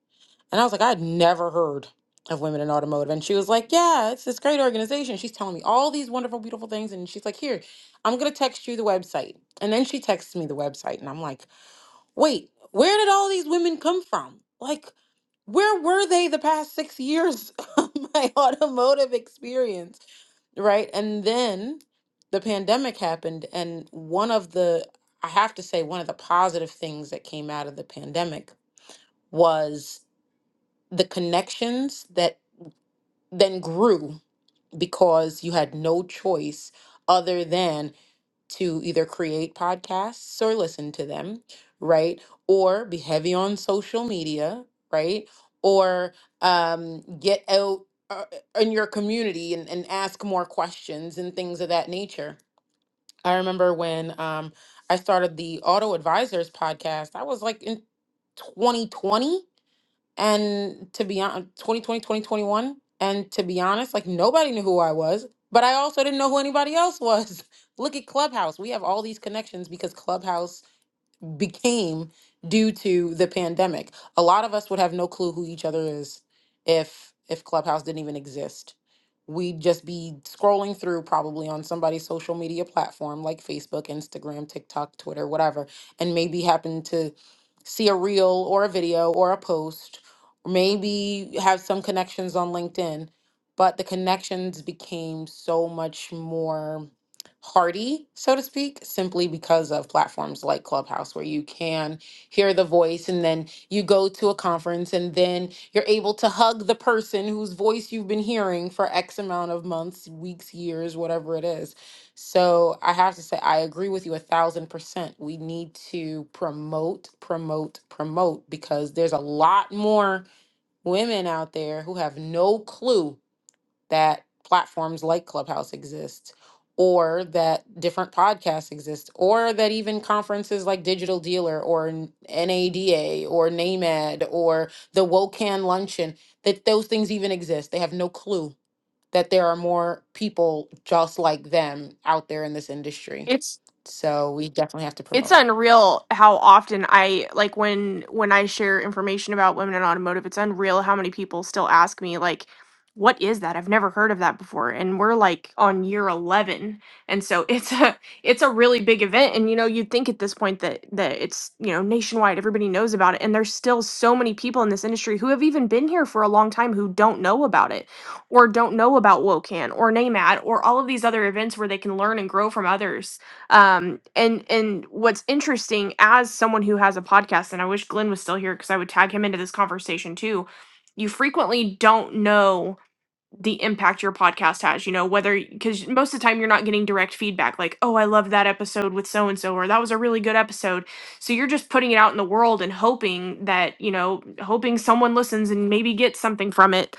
[SPEAKER 4] and I was like, I had never heard of Women in Automotive. And she was like, Yeah, it's this great organization. She's telling me all these wonderful, beautiful things. And she's like, Here, I'm going to text you the website. And then she texts me the website. And I'm like, Wait, where did all these women come from? Like, where were they the past six years (laughs) of my automotive experience? Right. And then the pandemic happened. And one of the, I have to say, one of the positive things that came out of the pandemic was the connections that then grew because you had no choice other than to either create podcasts or listen to them, right? Or be heavy on social media, right? Or um, get out uh, uh, in your community and, and ask more questions and things of that nature. I remember when um, I started the Auto Advisors podcast, I was like in 2020 and to be honest, 2020 2021, And to be honest, like nobody knew who I was, but I also didn't know who anybody else was. (laughs) Look at Clubhouse. We have all these connections because Clubhouse became due to the pandemic. A lot of us would have no clue who each other is if if Clubhouse didn't even exist. We'd just be scrolling through probably on somebody's social media platform like Facebook, Instagram, TikTok, Twitter, whatever, and maybe happen to see a reel or a video or a post, maybe have some connections on LinkedIn, but the connections became so much more hardy, so to speak, simply because of platforms like Clubhouse, where you can hear the voice and then you go to a conference and then you're able to hug the person whose voice you've been hearing for X amount of months, weeks, years, whatever it is. So I have to say, I agree with you a thousand percent. We need to promote, promote, promote because there's a lot more women out there who have no clue that platforms like Clubhouse exist, or that different podcasts exist, or that even conferences like Digital Dealer or N- NADA or NAMED or the WOCAN Luncheon, that those things even exist. They have no clue that there are more people just like them out there in this industry.
[SPEAKER 2] It's
[SPEAKER 4] So we definitely have to
[SPEAKER 2] it's
[SPEAKER 4] promote.
[SPEAKER 2] unreal how often i like when when i share information about women in automotive it's unreal how many people still ask me like what is that i've never heard of that before and we're like on year 11 and so (laughs) it's a it's a really big event and you know you'd think at this point that that it's you know nationwide everybody knows about it and there's still so many people in this industry who have even been here for a long time who don't know about it or don't know about wocan or namad or all of these other events where they can learn and grow from others um and and what's interesting as someone who has a podcast and i wish glenn was still here because i would tag him into this conversation too you frequently don't know the impact your podcast has you know whether because most of the time you're not getting direct feedback like oh i love that episode with so and so or that was a really good episode so you're just putting it out in the world and hoping that you know hoping someone listens and maybe gets something from it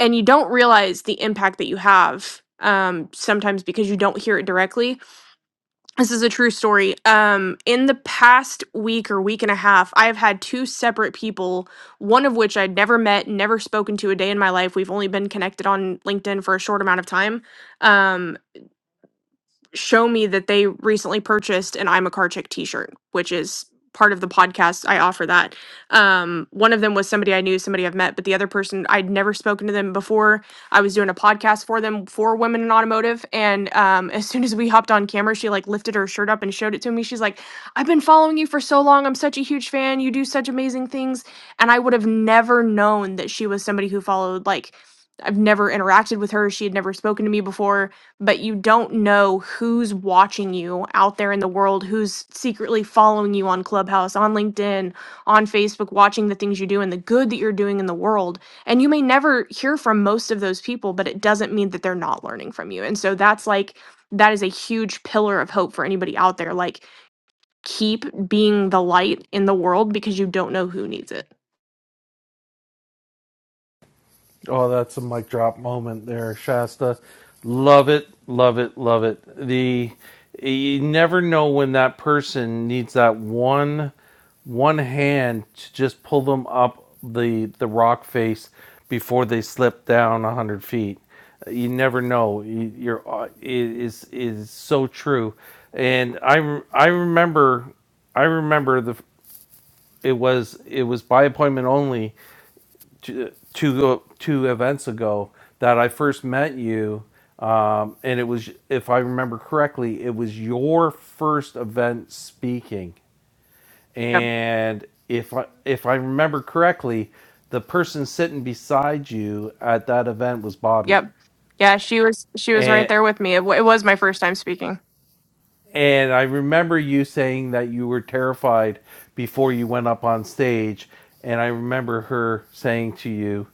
[SPEAKER 2] and you don't realize the impact that you have um sometimes because you don't hear it directly this is a true story. Um, in the past week or week and a half, I have had two separate people, one of which I'd never met, never spoken to a day in my life. We've only been connected on LinkedIn for a short amount of time. Um, show me that they recently purchased an I'm a car chick t-shirt, which is part of the podcast. I offer that. Um, one of them was somebody I knew, somebody I've met, but the other person I'd never spoken to them before. I was doing a podcast for them for women in automotive. And um, (laughs) as soon as we hopped on camera, she like lifted her shirt up and showed it to me. She's like, I've been following you for so long. I'm such a huge fan. You do such amazing things. And I would have never known that she was somebody who followed like I've never interacted with her. She had never spoken to me before but you don't know who's watching you out there in the world, who's secretly following you on Clubhouse, on LinkedIn, on Facebook, watching the things you do and the good that you're doing in the world. And you may never hear from most of those people, but it doesn't mean that they're not learning from you. And so that's like, that is a huge pillar of hope for anybody out there. Like, keep being the light in the world because you don't know who needs it.
[SPEAKER 1] Oh, that's a mic drop moment there, Shasta. Love it, love it, love it. The you never know when that person needs that one one hand to just pull them up the the rock face before they slip down a hundred feet. You never know. You- You're it is it is so true, and I re- I remember I remember the it was it was by appointment only two two two events ago that I first met you, um, and it was, if I remember correctly, it was your first event speaking,
[SPEAKER 2] Yep.
[SPEAKER 1] and if I if I remember correctly, the person sitting beside you at that event was Bobby,
[SPEAKER 2] Yep. Yeah, she was she was right
[SPEAKER 1] and
[SPEAKER 2] there with me. It, w- it was my first time speaking.
[SPEAKER 1] and I remember you saying that you were terrified before you went up on stage, and I remember her saying to you.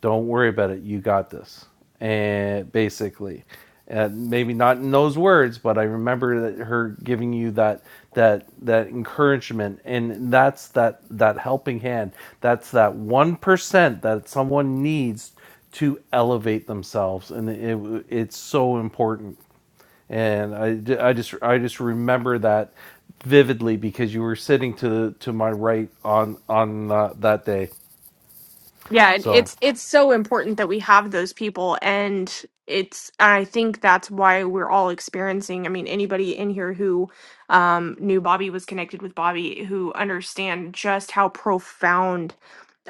[SPEAKER 1] don't worry about it you got this and basically and maybe not in those words but i remember that her giving you that that that encouragement and that's that that helping hand that's that 1% that someone needs to elevate themselves and it, it's so important and I, I just I just remember that vividly because you were sitting to to my right on on uh, that day.
[SPEAKER 2] yeah and
[SPEAKER 1] So
[SPEAKER 2] it's it's so important that we have those people and it's i think that's why we're all experiencing i mean anybody in here who um knew bobby was connected with bobby who understand just how profound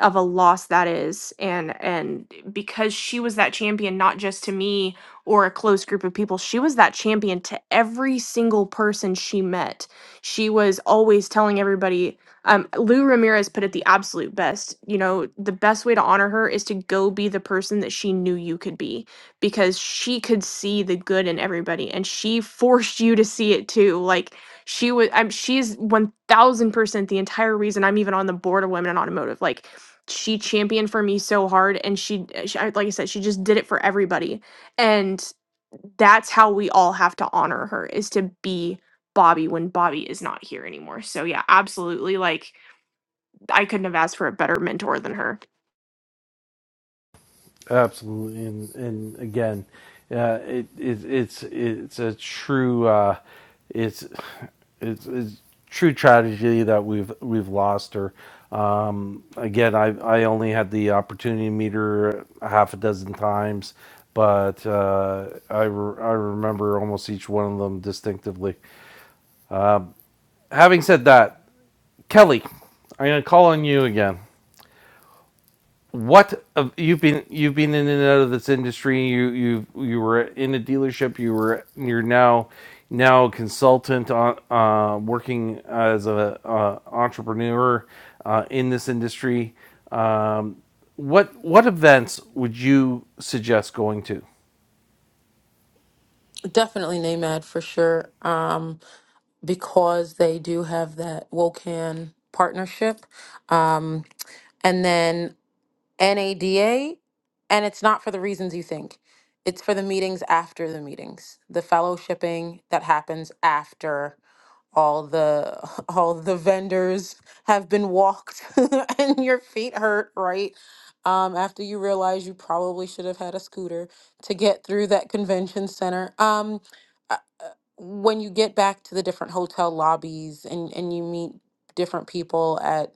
[SPEAKER 2] of a loss that is and and because she was that champion not just to me or a close group of people she was that champion to every single person she met she was always telling everybody um, lou ramirez put it the absolute best you know the best way to honor her is to go be the person that she knew you could be because she could see the good in everybody and she (laughs) forced you to see it too like she was i'm she's 1000% the entire reason i'm even on the board of women in automotive like she championed for me so hard and she, eh, she I- like i said she just did it for everybody and that's how we all have to honor her is to be bobby when bobby is not here anymore so yeah absolutely like i couldn't have asked for a better mentor than her
[SPEAKER 1] Absolutely, and and again, uh, it, it it's it's a true uh, it's it's it's true tragedy that we've we've lost her. Um, again, I I only had the opportunity to meet her a half a dozen times, but uh, I re- I remember almost each one of them distinctively. Having said that, Kelly, I'm gonna call on you again. what of you've been you've been in and out of this industry you you you were in a dealership you were you're now now a consultant on uh, working as a uh, entrepreneur uh, in this industry um, what what events would you suggest going to
[SPEAKER 4] Definitely NAMED for sure. Um, because they do have that WOCAN partnership. Um, and then NADA, and it's not for the reasons you think. It's for the meetings after the meetings, the fellowshipping that happens after all the (laughs) all the vendors have been walked (laughs) and your feet hurt, right? Um, after you realize you probably should have had a scooter to get through that convention center. Um, when you get back to the different hotel lobbies and, and you meet different people at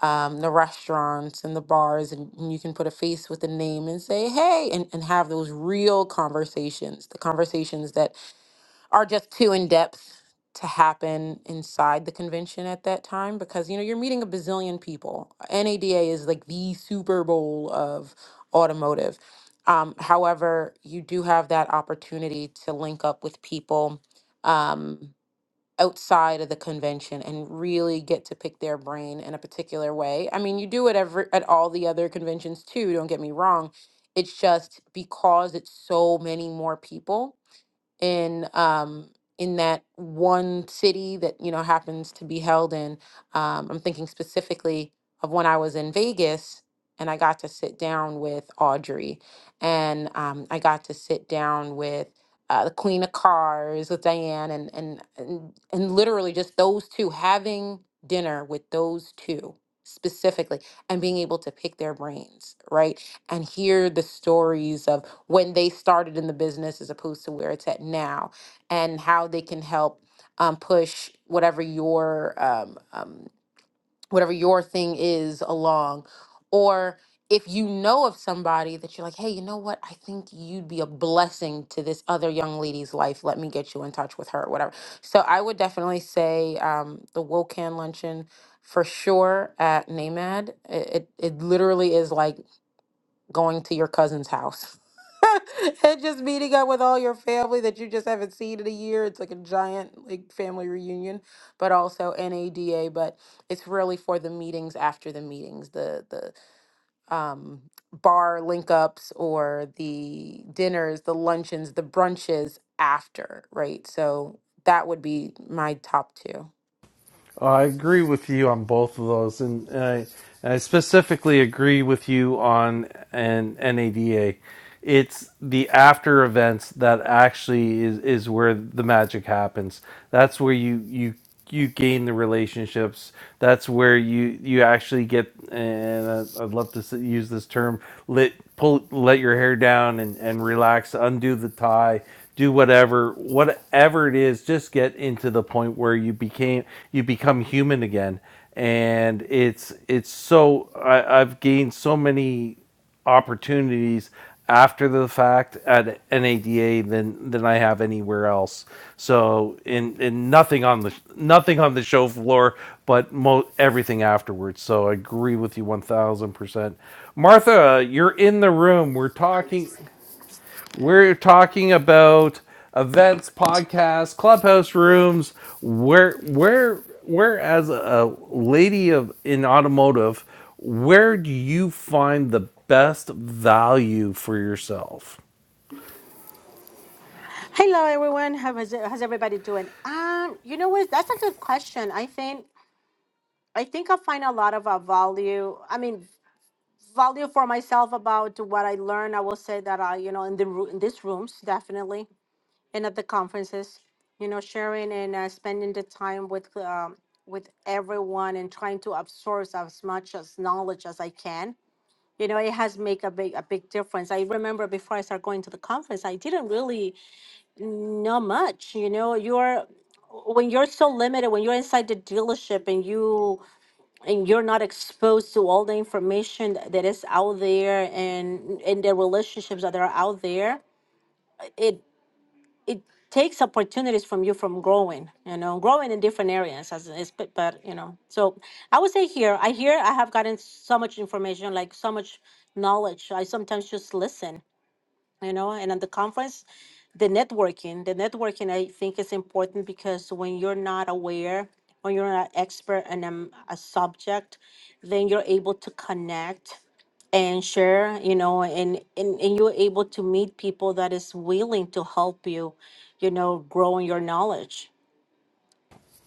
[SPEAKER 4] um, the restaurants and the bars, and, and you can put a face with a name and say, hey, and, and have those real conversations, the conversations that are just too in depth to happen inside the convention at that time because you know you're meeting a bazillion people. NADA is like the Super Bowl of automotive. Um, however, you do have that opportunity to link up with people um, outside of the convention and really get to pick their brain in a particular way. I mean, you do it every, at all the other conventions too. Don't get me wrong. It's just because it's so many more people in um in that one city that you know happens to be held in um i'm thinking specifically of when i was in vegas and i got to sit down with audrey and um i got to sit down with uh, the queen of cars with diane and, and and and literally just those two having dinner with those two specifically and being able to pick their brains right and hear the stories of when they started in the business as opposed to where it's at now and how they can help um, push whatever your um, um, whatever your thing is along or if you know of somebody that you're like hey you know what i think you'd be a blessing to this other young lady's life let me get you in touch with her or whatever so i would definitely say um, the wokan luncheon for sure at namad it, it, it literally is like going to your cousin's house (laughs) and just meeting up with all your family that you just haven't seen in a year. It's like a giant like family reunion, but also NADA. But it's really for the meetings after the meetings, the the um, bar link ups or the dinners, the luncheons, the brunches after, right? So that would be my top two.
[SPEAKER 1] Oh, I agree with you on both of those, and, I, I specifically agree with you on an NADA. It's the after events that actually is, is where the magic happens. That's where you you you gain the relationships. That's where you you actually get. And I, I'd love to use this term: let pull let your hair down and and relax, undo the tie do whatever whatever it is just get into the point where you became you become human again and it's it's so I, i've gained so many opportunities after the fact at NADA than than I have anywhere else. So in in nothing on the nothing on the show floor, but mo- everything afterwards. So I agree with you one thousand percent. Martha, you're in the room. We're talking. We're talking about events, podcasts, clubhouse rooms. Where where where as a lady of in automotive, where do you find the best value for yourself?
[SPEAKER 9] Hello, everyone. How is how's everybody doing? Um, you know what? That's a good question. I think I think I find a lot of uh, value. I mean, value for myself about what I learn. I will say that I, you know, in the roo- in these rooms, definitely, and at the conferences, you know, sharing and uh, spending the time with um, with everyone and trying to absorb as much as knowledge as I can. You know, it has make a big a big difference. I remember before I started going to the conference, I didn't really not much, you know, you're when you're so limited, when you're inside the dealership and you and you're not exposed to all the information th- that is out there and and the relationships that are out there, it it takes opportunities from you from growing, you know, growing in different areas as is but but, you know. So I would say here, I hear I have gotten so much information, like so much knowledge. I sometimes just listen you know and at the conference the networking the networking i think is important because when you're not aware when you're not expert in um, a subject then you're able to connect and share you know and, and and you're able to meet people that is willing to help you you know grow in your knowledge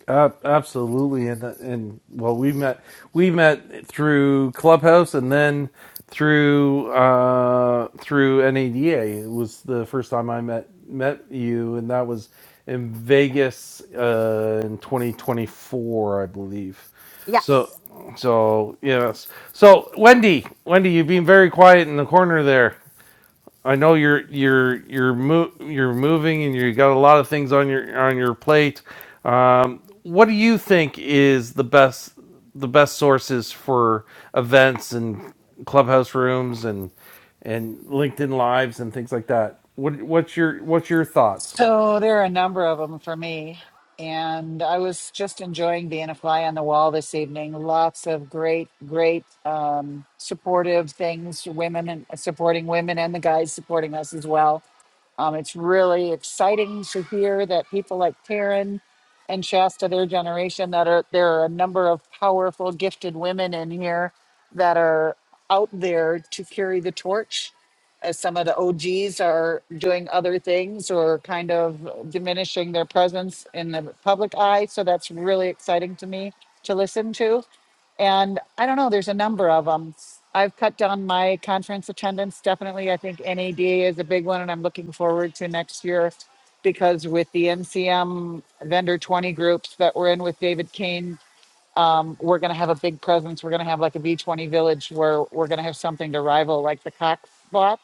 [SPEAKER 1] Uh, absolutely, and and well, we met we met through Clubhouse, and then through uh, through NADA. It was the first time I met met you, and that was in Vegas uh, in 2024, I believe. So
[SPEAKER 9] yes
[SPEAKER 1] so yes. So Wendy, Wendy, you've been very quiet in the corner there. I know you're you're you're mo- you're moving and you got a lot of things on your on your plate. Um, what do you think is the best the best sources for events and clubhouse rooms and and LinkedIn lives and things like that? What what's your what's your thoughts?
[SPEAKER 10] So there are a number of them for me. And I was just enjoying being a fly on the wall this evening. Lots of great, great um, supportive things, women and supporting women and the guys supporting us as well. Um, it's really exciting to hear that people like Taryn and Shasta, their generation, that are there are a number of powerful, gifted women in here that are out there to carry the torch. As some of the OGs are doing other things or kind of diminishing their presence in the public eye. So that's really exciting to me to listen to. And I don't know, there's a number of them. I've cut down my conference attendance definitely. I think NAD is a big one, and I'm looking forward to next year because with the NCM vendor 20 groups that we're in with David Kane um, we're going to have a big presence. We're going to have like a B20 village where we're going to have something to rival like the Cox block.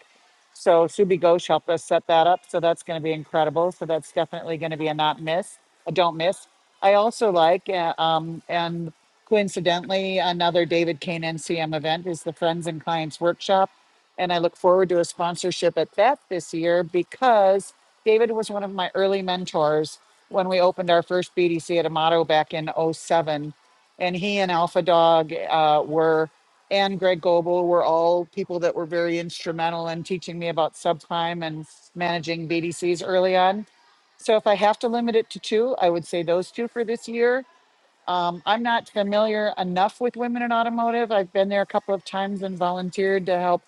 [SPEAKER 10] So Subi Ghosh helped us set that up. So that's going to be incredible. So that's definitely going to be a not miss, a don't miss. I also like, uh, um, and coincidentally, another David Kane NCM event is the Friends and Clients Workshop. And I look forward to a sponsorship at that this year because David was one of my early mentors when we opened our first BDC at Amato back in '07 and he and Alpha Dog uh, were, and Greg Goebel were all people that were very instrumental in teaching me about subprime and managing BDCs early on. So if I have to limit it to two, I would say those two for this year. Um, I'm not familiar enough with women in automotive. I've been there a couple of times and volunteered to help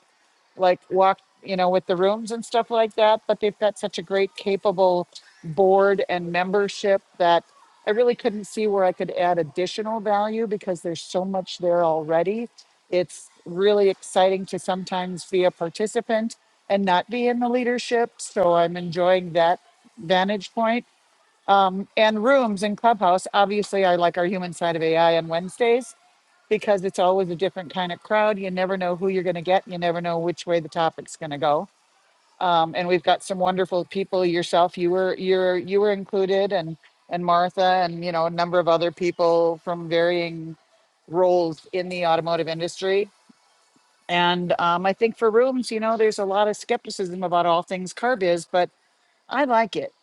[SPEAKER 10] like walk, you know, with the rooms and stuff like that. But they've got such a great, capable board and membership that I really couldn't see where I could add additional value because there's so much there already. It's really exciting to sometimes be a participant and not be in the leadership. So I'm enjoying that vantage point. Um, and rooms in Clubhouse. Obviously, I like our human side of AI on Wednesdays because it's always a different kind of crowd. You never know who you're going to get. You never know which way the topic's going to go. Um, and we've got some wonderful people. Yourself, you were you're you were included, and and Martha, and you know a number of other people from varying roles in the automotive industry. And um, I think for rooms, you know, there's a lot of skepticism about all things carb is, but I like it.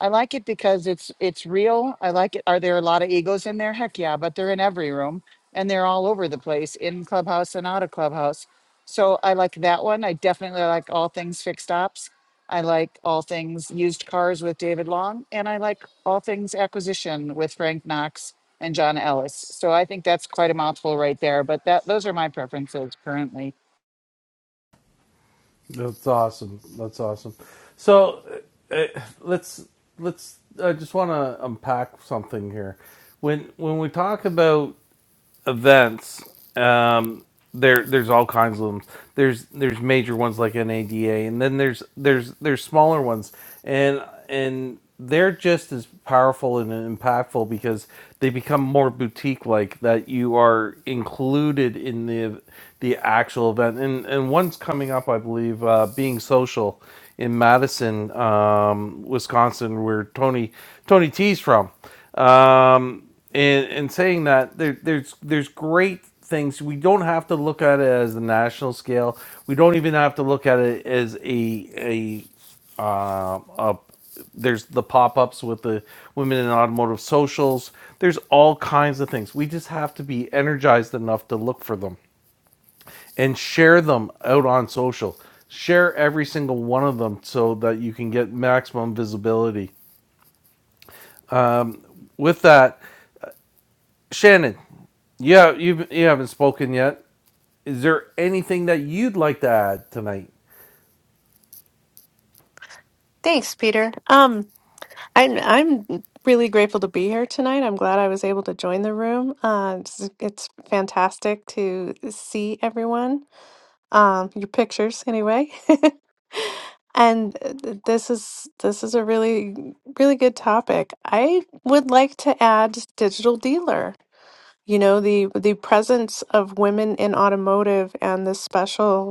[SPEAKER 10] I like it because it's it's real. I like it. Are there a lot of egos in there? Heck yeah, but they're in every room and they're all over the place in clubhouse and out of clubhouse. So I like that one. I definitely like all things fixed ops. I like all things used cars with David Long, and I like all things acquisition with Frank Knox and John Ellis. So I think that's quite a mouthful right there. But that those are my preferences currently.
[SPEAKER 1] That's awesome. That's awesome. So uh, let's let's I just want to unpack something here. When when we talk about events, um, there there's all kinds of them. There's there's major ones like NADA, and then there's there's there's smaller ones, and and they're just as powerful and impactful because they become more boutique like that you are included in the the actual event and and one's coming up i believe uh, being social in madison um, wisconsin where tony tony t's from Um, and and saying that there, there's there's great things. We don't have to look at it as the national scale. We don't even have to look at it as a a uh, a there's the pop-ups with the women in automotive socials. There's all kinds of things. We just have to be energized enough to look for them and share them out on social. Share every single one of them so that you can get maximum visibility. With that, Shannon, yeah, you you haven't spoken yet. Is there anything that you'd like to add tonight?
[SPEAKER 11] Thanks, Peter. Um, I'm I'm really grateful to be here tonight. I'm glad I was able to join the room. Uh, it's, it's fantastic to see everyone. Um, your pictures, anyway. (laughs) and uh, th- this is this is a really really good topic. I would like to add digital dealer. You know the the presence of women in automotive and the special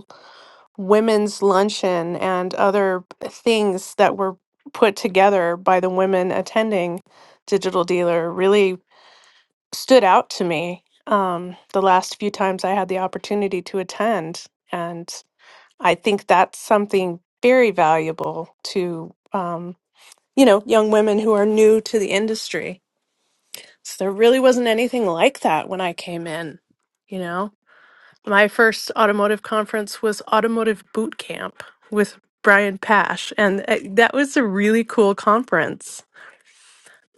[SPEAKER 11] women's luncheon and other things that were put together by the women attending Digital Dealer really stood out to me um, the last few times I had the opportunity to attend. And I think that's something very valuable to, um, you know, young women who are new to the industry. So there really wasn't anything like that when I came in, you know? my first automotive conference was Automotive Boot Camp with Brian Pash, and uh, that was a really cool conference.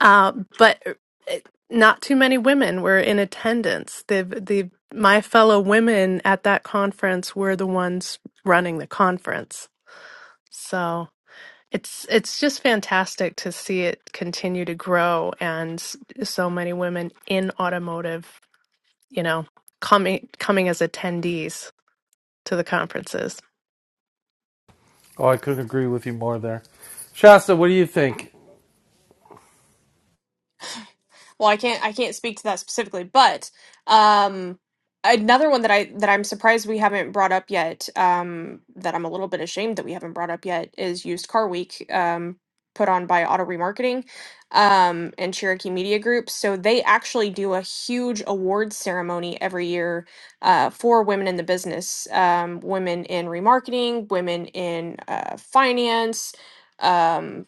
[SPEAKER 11] Uh, but uh, not too many women were in attendance. The the my fellow women at that conference were the ones running the conference, so. It's it's just fantastic to see it continue to grow and s- so many women in automotive, you know, coming coming as attendees to the conferences.
[SPEAKER 1] Oh, I couldn't agree with you more there. Shasta, what do you think?
[SPEAKER 2] well i can't i can't speak to that specifically but um another one that i that i'm surprised we haven't brought up yet um that i'm a little bit ashamed that we haven't brought up yet is used car week um put on by auto remarketing um and cherokee media group so they actually do a huge awards ceremony every year uh, for women in the business um, women in remarketing women in uh, finance um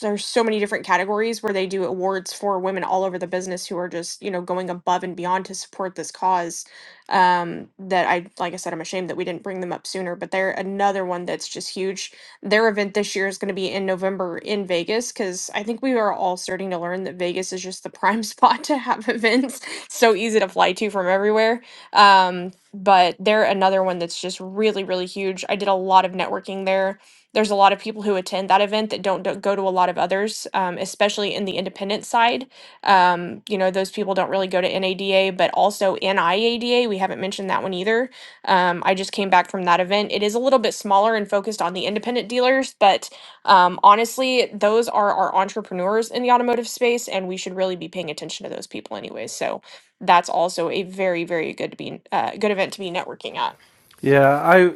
[SPEAKER 2] there's so many different categories where they do awards for women all over the business who are just you know going above and beyond to support this cause um that i like i said i'm ashamed that we didn't bring them up sooner but they're another one that's just huge their event this year is going to be in november in vegas because i think we are all starting to learn that vegas is just the prime (laughs) spot to have events so easy to fly to from everywhere um but they're another one that's just really really huge i did a lot of networking there there's a lot of people who attend that event that don't, do go to a lot of others, um, especially in the independent side. Um, you know, those people don't really go to NADA, but also NIADA. We haven't mentioned that one either. Um, I just came back from that event. It is a little bit smaller and focused on the independent dealers, but um, honestly, those are our entrepreneurs in the automotive space, and we should really be paying attention to those people anyways. So, that's also a very very good to be uh, good event to be networking at
[SPEAKER 1] Yeah, I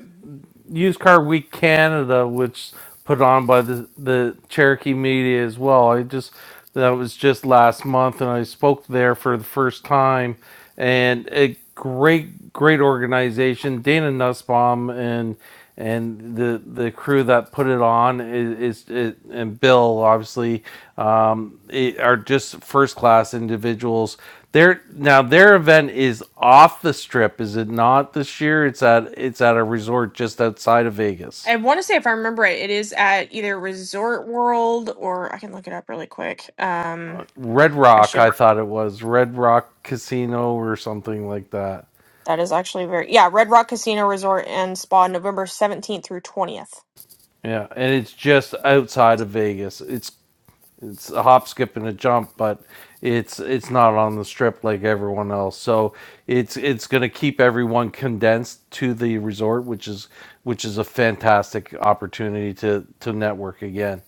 [SPEAKER 1] Used Car Week Canada, which put on by the the Cherokee Media as well. I just that was just last month, and I spoke there for the first time, and a great great organization. Dana Nussbaum and and the the crew that put it on is, is, is and Bill obviously um, i- are just first class individuals their now their event is off the strip, is it not this year? It's at it's at a resort just outside of
[SPEAKER 2] i
[SPEAKER 1] Vegas.
[SPEAKER 2] want to say if i remember right it is at either resort world or i can look it up really quick um
[SPEAKER 1] Red
[SPEAKER 2] i
[SPEAKER 1] Rock,
[SPEAKER 2] should
[SPEAKER 1] I thought it was. Red Rock Casino or something like that.
[SPEAKER 2] that is actually very yeah red rock casino resort and spa november 17th through 20th
[SPEAKER 1] Yeah, and it's just outside of Vegas. It's it's a hop, skip, and a jump, but it's it's not on the strip like everyone else. So it's it's going to keep everyone condensed to the resort, which is which is a fantastic opportunity to to network again.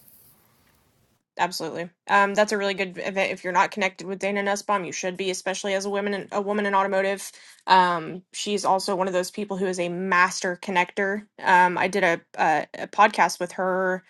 [SPEAKER 2] Absolutely. Um, that's a really good event. If you're not connected with Dana Nussbaum, you should be, especially as a woman in, a woman in automotive. Um, she's also one of those people who is a master connector. Um, I did a, a, a podcast with her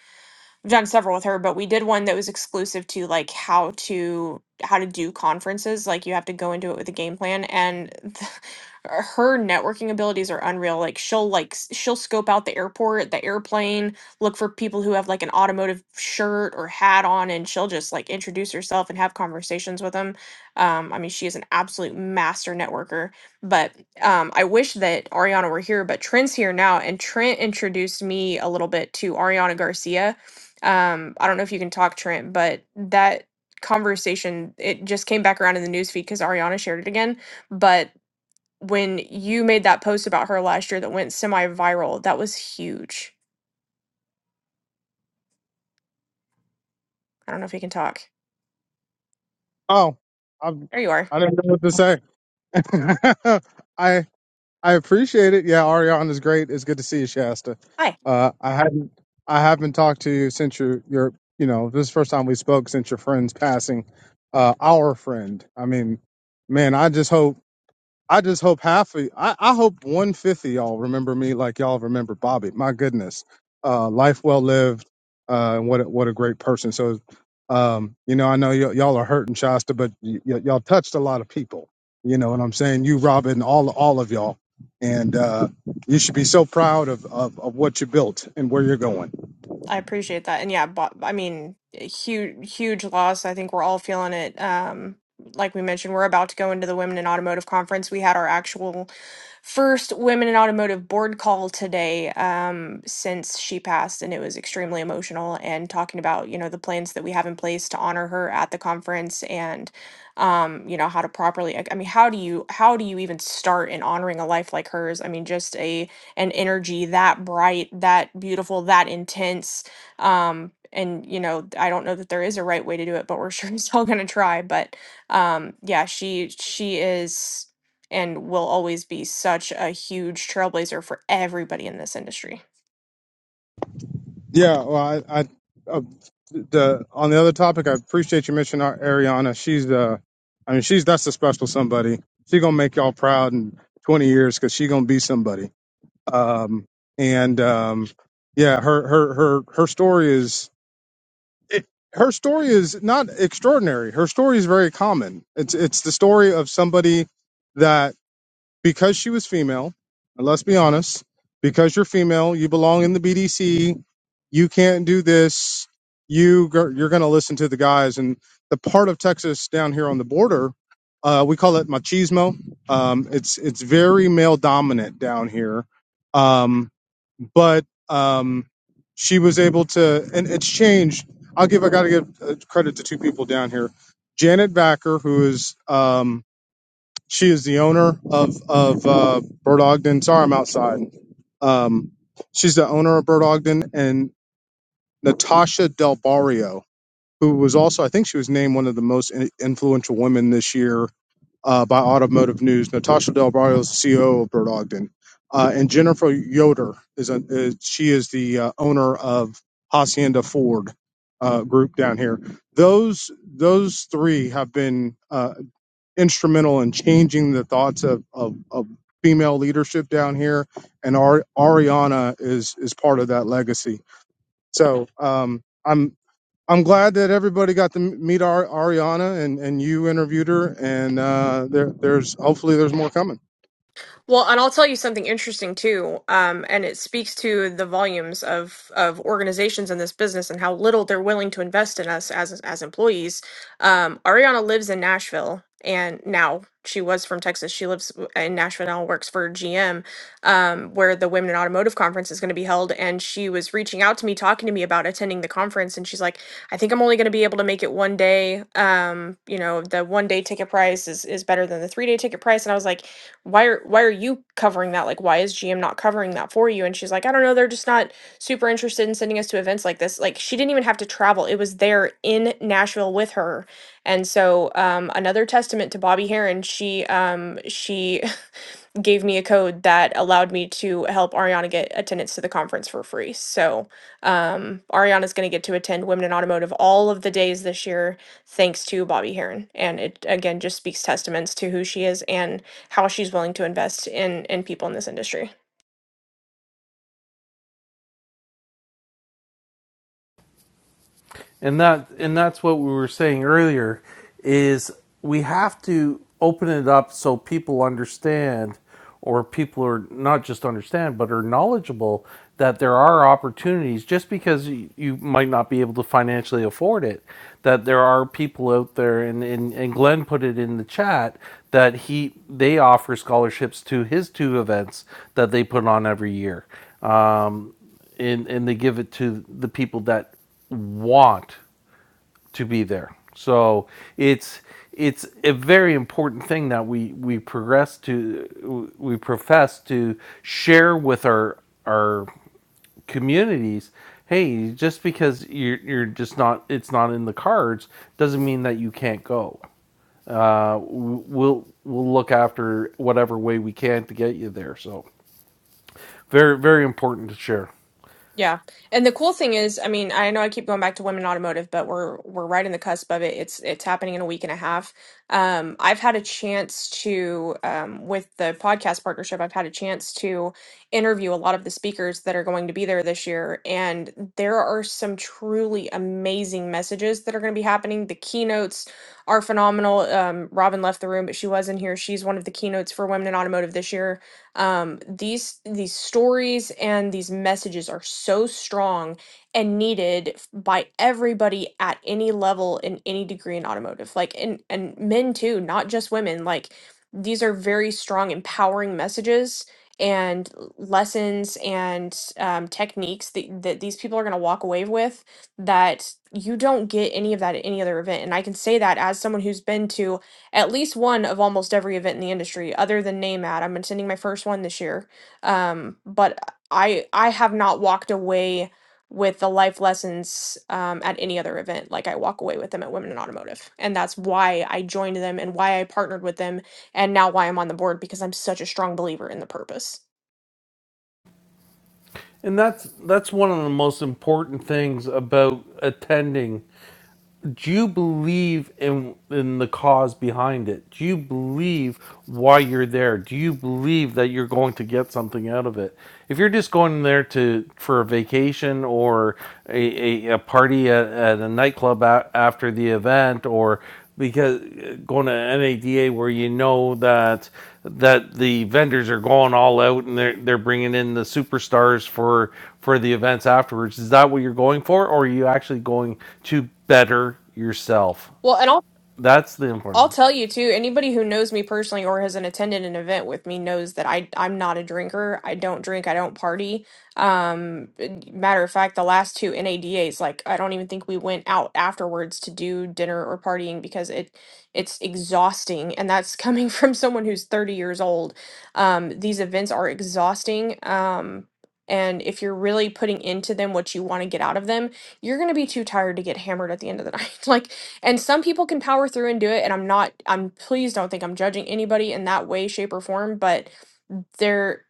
[SPEAKER 2] I've done several with her, but we did one that was exclusive to like how to how to do conferences. Like you have to go into it with a game plan, and th- (laughs) her networking abilities are unreal. Like she'll like s- she'll scope out the airport, the airplane, look for people who have like an automotive shirt or hat on, and she'll just like introduce herself and have conversations with them. Um, I mean, she is an absolute master networker. But um, I wish that Ariana were here, but Trent's here now, and Trent introduced me a little bit to Ariana Garcia um, I don't know if you can talk, Trent, but that conversation it just came back around in the newsfeed because Ariana shared it again. But when you made that post about her last year that went semi-viral, that was huge. I don't know if you can talk.
[SPEAKER 12] Oh, I'm,
[SPEAKER 2] There you are.
[SPEAKER 12] I didn't know what to say. (laughs) I I appreciate it. Yeah, Ariane is great. It's good to see you, Shasta.
[SPEAKER 2] Hi.
[SPEAKER 12] Uh, I hadn't I haven't talked to you since your your you know this is the first time we spoke since your friend's passing. Uh, our friend. I mean, man, I just hope. I just hope half of I, I hope one fifth of y'all remember me like y'all remember Bobby. My goodness, uh, life well lived, uh, and what a, what a great person. So, um, you know, I know y- y'all are hurting Shasta, but y- y- y'all touched a lot of people. You know what I'm saying? You, Robin, all all of y'all, and uh, you should be so proud of, of, of what you built and where you're going.
[SPEAKER 2] I appreciate that. And yeah, but, I mean, huge, huge loss. I think we're all feeling it. Um, like we mentioned, we're about to go into the Women in Automotive Conference. We had our actual first Women in Automotive board call today um, since she passed, and it was extremely emotional. And talking about, you know, the plans that we have in place to honor her at the conference and, um, you know, how to properly, I I mean, how do you, how do you even start in honoring a life like hers? I mean, just a, and energy that bright, that beautiful, that intense. Um, and you know, I don't know that there is a right way to do it, but we're (laughs) sure as hell gonna try. But um, yeah, she she is and will always be such a huge trailblazer for everybody in this industry.
[SPEAKER 12] Yeah, well, I, I uh, the on the other topic, I appreciate you mentioning Ar- Ariana. She's uh, I mean, she's that's a special somebody. She gonna make y'all proud in 20 years because she gonna be somebody. um, and um, yeah, her her her her story is it, her story is not extraordinary. Her story is very common. It's it's the story of somebody that because she was female, and let's be honest, because you're female, you belong in the BDC, you can't do this, you gir- you're going to listen to the guys. And the part of Texas down here on the border, uh, we call it machismo. Um, it's it's very male dominant down here, um, but um, she was able to, and it's changed. I'll give I got to give uh, credit to two people down here, Janet Backer, who is um, she is the owner of of uh, Bird Ogden. Sorry, I'm outside. Um, she's the owner of Bird Ogden and Natasha Del Barrio, who was also, I think, she was named one of the most in- influential women this year uh, by Automotive News. Natasha Del Barrio is the CEO of Bird Ogden, uh, and Jennifer Yoder is, a, is she is the uh, owner of Hacienda Ford uh, Group down here. Those those three have been. uh, instrumental in changing the thoughts of, of, of female leadership down here, and Ari- Ariana is is part of that legacy. So um, I'm I'm glad that everybody got to m- meet Ar- Ariana and, and you interviewed her, and uh, there there's hopefully there's more coming.
[SPEAKER 2] Well, and I'll tell you something interesting too, um, and it speaks to the volumes of of organizations in this business and how little they're willing to invest in us as as employees. Um, Ariana lives in Nashville, and now she was from Texas. She lives w- in Nashville now, and works for GM, um, where the Women in Automotive Conference is going to be held. And she was reaching out to me, talking to me about attending the conference, and she's like, "I think I'm only going to be able to make it one day. Um, you know, the one day ticket price is is better than the three day ticket price." And I was like why are why are you covering that? Like why is GM not covering that for you?" And she's like, "I don't know, they're just not super interested in sending us to events like this." Like she didn't even have to travel. It was there in Nashville with her. And so um another testament to Bobby Heron, she um she (laughs) gave me a code that allowed me to help Ariana get attendance to the conference for free. So um, Ariana's going to get to attend Women in Automotive all of the days this year, thanks to Bobby Heron. And it again just speaks testaments to who she is and how she's willing to invest in in people in this industry.
[SPEAKER 1] and that and that's what we were saying earlier is we have to open it up so people understand or people are not just understand but are knowledgeable that there are opportunities just because you, you might not be able to financially afford it that there are people out there and, and, and glenn put it in the chat that he they offer scholarships to his two events that they put on every year and, and they give it to the people that want to be there. So it's it's a very important thing that we we progress to we profess to share with our our communities. Hey, just because you're you're just not it's not in the cards doesn't mean that you can't go. Uh, we'll we'll look after whatever way we can to get you there. So very very important to share.
[SPEAKER 2] Yeah. And the cool thing is, I mean, I know I keep going back to women in automotive, but we're we're right in the cusp of it. It's it's happening in a week and a half. Um, I've had a chance to um, with the podcast partnership, I've had a chance to interview a lot of the speakers that are going to be there this year, and there are some truly amazing messages that are going to be happening. The keynotes are phenomenal. Um, Robin left the room, but she was in here. She's one of the keynotes for women in automotive this year um, these these stories and these messages are so strong and needed f- by everybody at any level in any degree in automotive like and and men too not just women like these are very strong empowering messages and l- lessons and um, techniques that, that these people are going to walk away with that you don't get any of that at any other event and i can say that as someone who's been to at least one of almost every event in the industry other than NAMAD. I'm attending my first one this year. Um, but I I have not walked away with the life lessons um, at any other event like I walk away with them at Women in Automotive. And that's why I joined them and why I partnered with them and now why I'm on the board because I'm such a strong believer in the purpose.
[SPEAKER 1] And that's that's one of the most important things about attending do you believe in in the cause behind it? Do you believe why you're there? Do you believe that you're going to get something out of it? If you're just going there to for a vacation or a, a, a party at, at a nightclub a, after the event or because going to NADA where you know that that the vendors are going all out and they're they're bringing in the superstars for for the events afterwards. Is that what you're going for, or are you actually going to better yourself.
[SPEAKER 2] Well, and
[SPEAKER 1] That's the
[SPEAKER 2] I'll
[SPEAKER 1] important.
[SPEAKER 2] tell you too, anybody who knows me personally or has an attended an event with me knows that I I'm not a drinker. I don't drink, I don't party. Um eh, matter of fact, the last two NADAs, like I don't even think we went out afterwards to do dinner or partying because it it's exhausting and that's coming (laughs) from someone who's 30 years old. Um these events are exhausting. Um and if you're really putting into them what you want to get out of them, you're going to be too tired to get hammered at the end of the (laughs) night. Like and some people can power through and do it. And I'm not, I'm please don't think I'm judging anybody in that way, shape, or form, but they're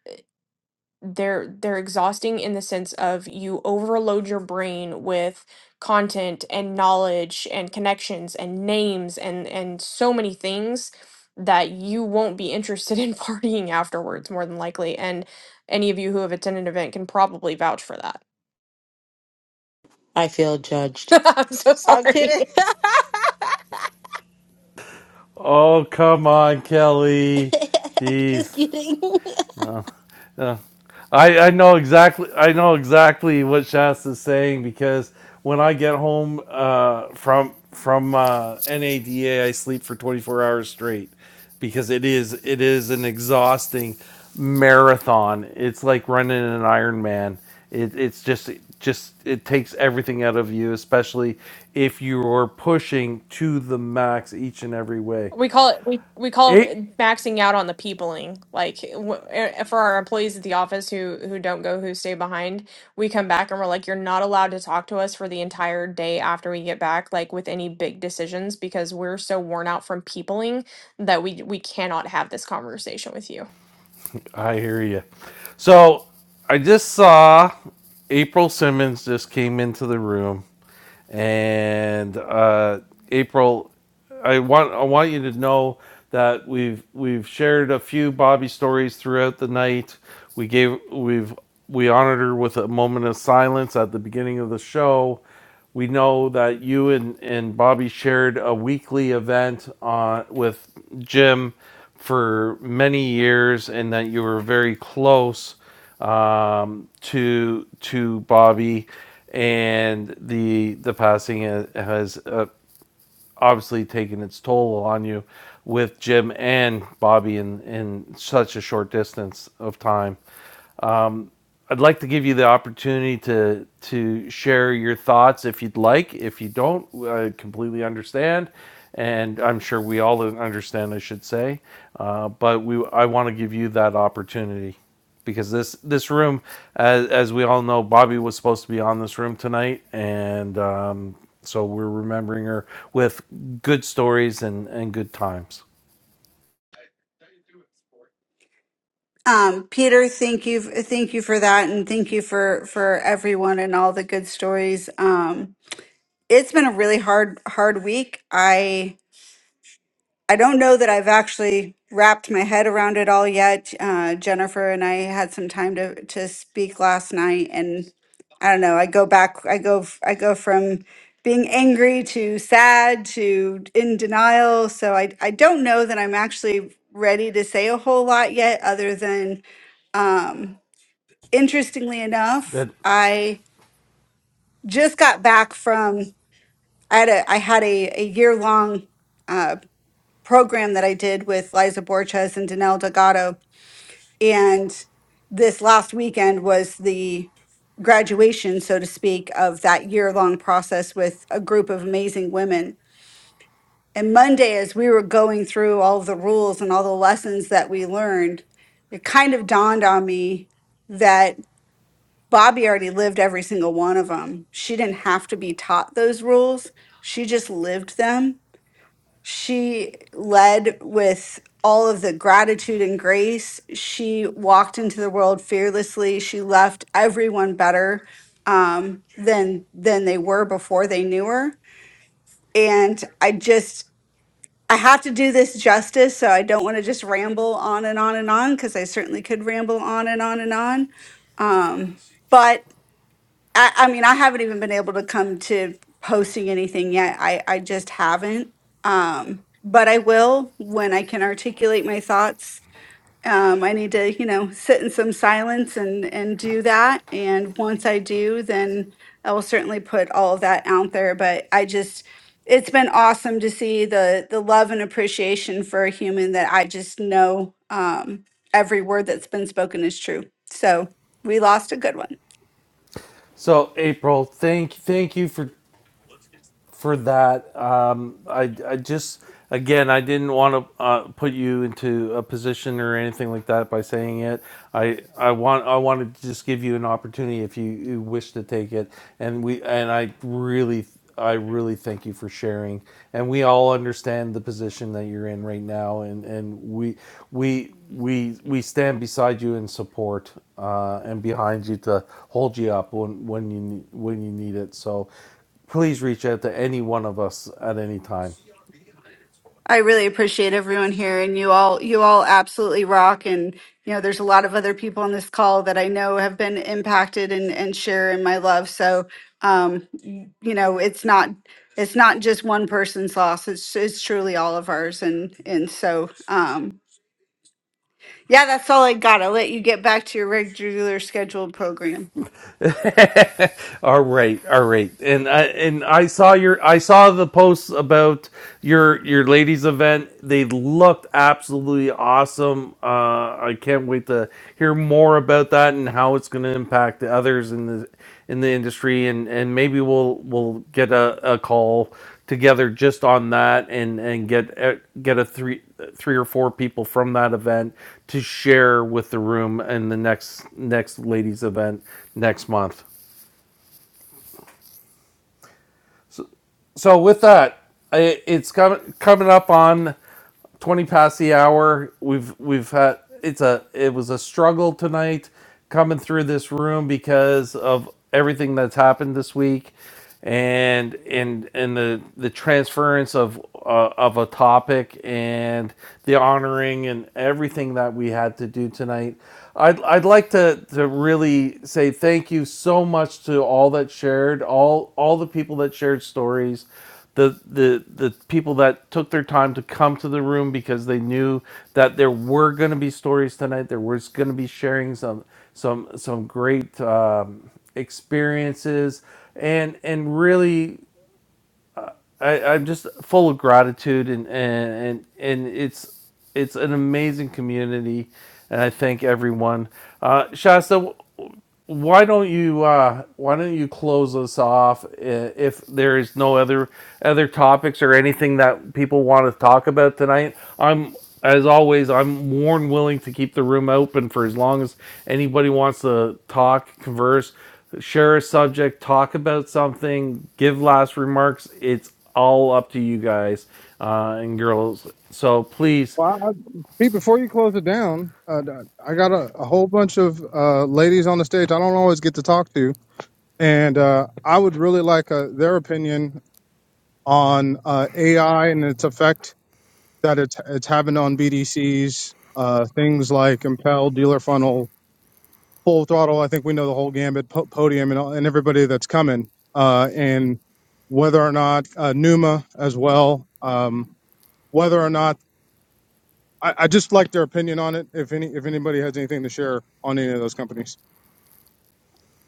[SPEAKER 2] they're they're exhausting in the sense of you overload your brain with content and knowledge and connections and names and and so many things that you won't be interested in (laughs) partying afterwards more than likely and any of you who have attended an event can probably vouch for that
[SPEAKER 4] I feel
[SPEAKER 2] (laughs)
[SPEAKER 4] judged.
[SPEAKER 2] i'm so
[SPEAKER 4] I'm
[SPEAKER 2] sorry
[SPEAKER 4] kidding.
[SPEAKER 1] Oh, come on, Kelly.
[SPEAKER 4] (laughs) Just
[SPEAKER 1] Jeez.
[SPEAKER 4] kidding. (laughs)
[SPEAKER 1] Uh, uh, I, I know exactly I know exactly what Shasta's saying because when I get home uh, from from uh, NADA, I sleep for 24 hours straight because it is it is an exhausting marathon. It's like running an Ironman. It, it's just just it takes everything out of you, especially if you're pushing to the max each and every way.
[SPEAKER 2] We call it we we call
[SPEAKER 1] eight.
[SPEAKER 2] it maxing out on the peopling. Like w- eh, eh, for our employees at the office who who don't go, who stay behind, we come back and we're like, you're not allowed to talk to us for the entire day after we get back, like with any big decisions, because we're so worn out from peopling that we we cannot have this conversation with you.
[SPEAKER 1] I hear you. So I just saw April Simmons just came into the room, and uh, April, I want I want you to know that we've we've shared a few Bobby stories throughout the night. We gave we've we honored her with a moment of silence at the beginning of the show, we know that you and, and Bobby shared a weekly event on, with Jim for many years, and that you were very close um, to to Bobby, and the the passing has uh, obviously taken its toll on you with Jim and Bobby in in such a short distance of time. I'd like to give you the opportunity to to share your thoughts if you'd like. If you don't, I completely understand, and I'm sure we all understand. I should say, uh, but we I want to give you that opportunity because this this room, as, as we all know, Bobby was supposed to be on this room tonight, and um, so we're remembering her with good stories and and good times.
[SPEAKER 13] Um, Peter, thank you, thank you for that, and thank you for for everyone and all the good stories. Um, it's been a really hard hard week. I I don't know that I've actually wrapped my head around it all yet. Uh, Jennifer and I had some time to to speak last night, and I don't know. I go back. I go. f- I go from being angry to sad to in denial. So I I don't know that I'm actually ready to say a whole lot yet, other than. um, interestingly enough,
[SPEAKER 1] That
[SPEAKER 13] I just got back from I had a I had a, a year long uh, program that I did with Liza Borges and Danelle Delgado, and this last weekend was the graduation, so to speak, of that year long process with a group of amazing women. And Monday, as we were going through all the rules and all the lessons that we learned, it kind of dawned on me that. Bobby already lived every single one of them. She didn't have to be taught those rules. She just lived them. She led with all of the gratitude and grace. She walked into the world fearlessly. She left everyone better um, than than they were before they knew her. And I just I have to do this justice, so I don't want to just ramble on and on and on because I certainly could ramble on and on and on. Um, but I, I mean, I haven't even been able to come to posting anything yet. I, I just haven't. Um, but I will when I can articulate my thoughts. Um, I need to, you know, sit in some silence and and do that. And once I do, then I will certainly put all of that out there. But I just, it's been awesome to see the the love and appreciation for a human that I just know um, every word that's been spoken is true. So we lost a good one.
[SPEAKER 1] so April, thank thank you for for that. Um, I, I just, again, I didn't want to uh, put you into a position or anything like that by saying it. I, I want, I wanted to just give you an opportunity if you, you wish to take it. And we, and I really, I really thank you for sharing. And we all understand the position that you're in right now, and and we we we we stand beside you in support uh, and behind you to hold you up when when you need, when you need it. So Please reach out to any one of us at any time.
[SPEAKER 13] I really appreciate everyone here and you all you all absolutely rock and you know there's a lot of other people on this call that I know have been impacted and and share in my love so um y- you know it's not it's not just one person's loss it's it's truly all of ours and and so um yeah that's all I got I'll let you get back to your regular scheduled program
[SPEAKER 1] (laughs) All right, all right. And I and I saw your I saw the posts about your your ladies event. They looked absolutely awesome. Uh, I can't wait to hear more about that and how it's going to impact the others in the in the industry. And and maybe we'll we'll get a, a call together just on that and and get get a three three or four people from that event to share with the room in the next next ladies event next month. So with that, it's coming coming up on 20 past the hour. We've we've had it's a it was a struggle tonight coming through this room because of everything that's happened this week and and and the the transference of uh, of a topic and the honoring and everything that we had to do tonight. I'd, I'd like to, to really say thank you so much to all that shared all all the people that shared stories the the the people that took their time to come to the room because they knew that there were going to be stories tonight. There was going to be sharing some some some great um, experiences and and really I, I'm just full of gratitude and and and, and it's it's an amazing community and I thank everyone. Uh, Shasta. Why don't you uh, Why don't you close us off if there is no other other topics or anything that people want to talk about tonight? I'm as always I'm more than willing to keep the room open for as long as anybody wants to talk, converse, share a subject, talk about something, give last remarks. It's all up to you guys uh, and girls. So please
[SPEAKER 12] Well, I, Pete, before you close it down, uh, I got a, a whole bunch of uh, ladies on the stage I don't always get to talk to, and uh, I would really like uh, their opinion on uh, AI and its effect that it's, it's having on BDCs, uh, things like Impel, Dealer Funnel, Full Throttle. I think we know the whole gambit, po- Podium, and, all- and everybody that's coming. Uh, and whether or not uh, Numa as well, um, whether or not I, I just like their opinion on it. If any, if anybody has anything to share on any of those companies,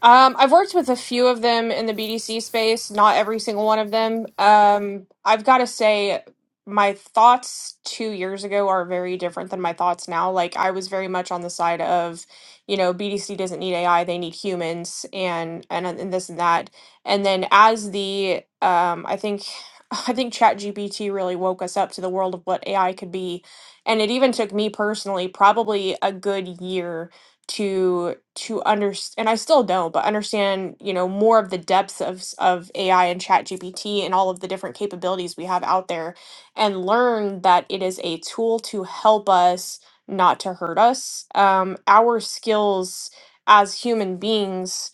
[SPEAKER 2] Um, I've worked with a few of them in the BDC space, not every single one of them. Um, I've got to say, my thoughts two years ago are very different than my thoughts now. Like, I was very much on the side of, you know, BDC doesn't need AI, they need humans, and and and this and that. And then as the, um, I think, (sighs) (laughs) I think ChatGPT really woke us up to the world of what AI could be, and it even took me personally probably a good year to to understand and I still don't but understand you know more of the depths of s- of AI and chat GPT and all of the different capabilities we have out there and learn that it is a tool to help us not to hurt us um, our skills as human beings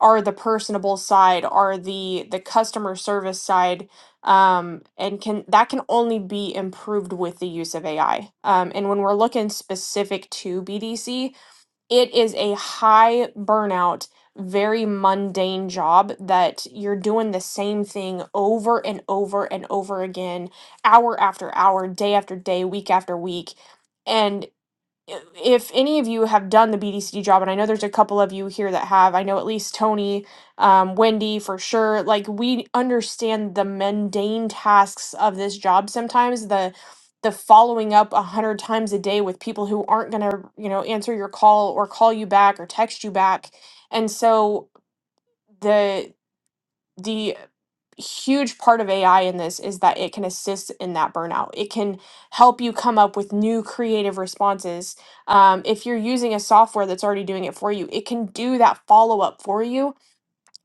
[SPEAKER 2] are the personable side are the the customer service side um, and can that can only be improved with the use of AI. Um, and when we're looking specific to BDC, it is a high burnout, very mundane job that you're doing the same thing over and over and over again, hour after hour, day after day, week after week. And i- if any of you have done the BDCD job, and I know there's a couple of you here that have, I know at least Tony, um, Wendy for sure, like we understand the mundane tasks of this job sometimes, the the following up a hundred times a day with people who aren't gonna, you know, answer your call or call you back or text you back. And so the huge part of AI in this is that it can assist in that burnout. It can help you come up with new creative responses. Um, if you're using a software that's already doing it for you, it can do that follow up for you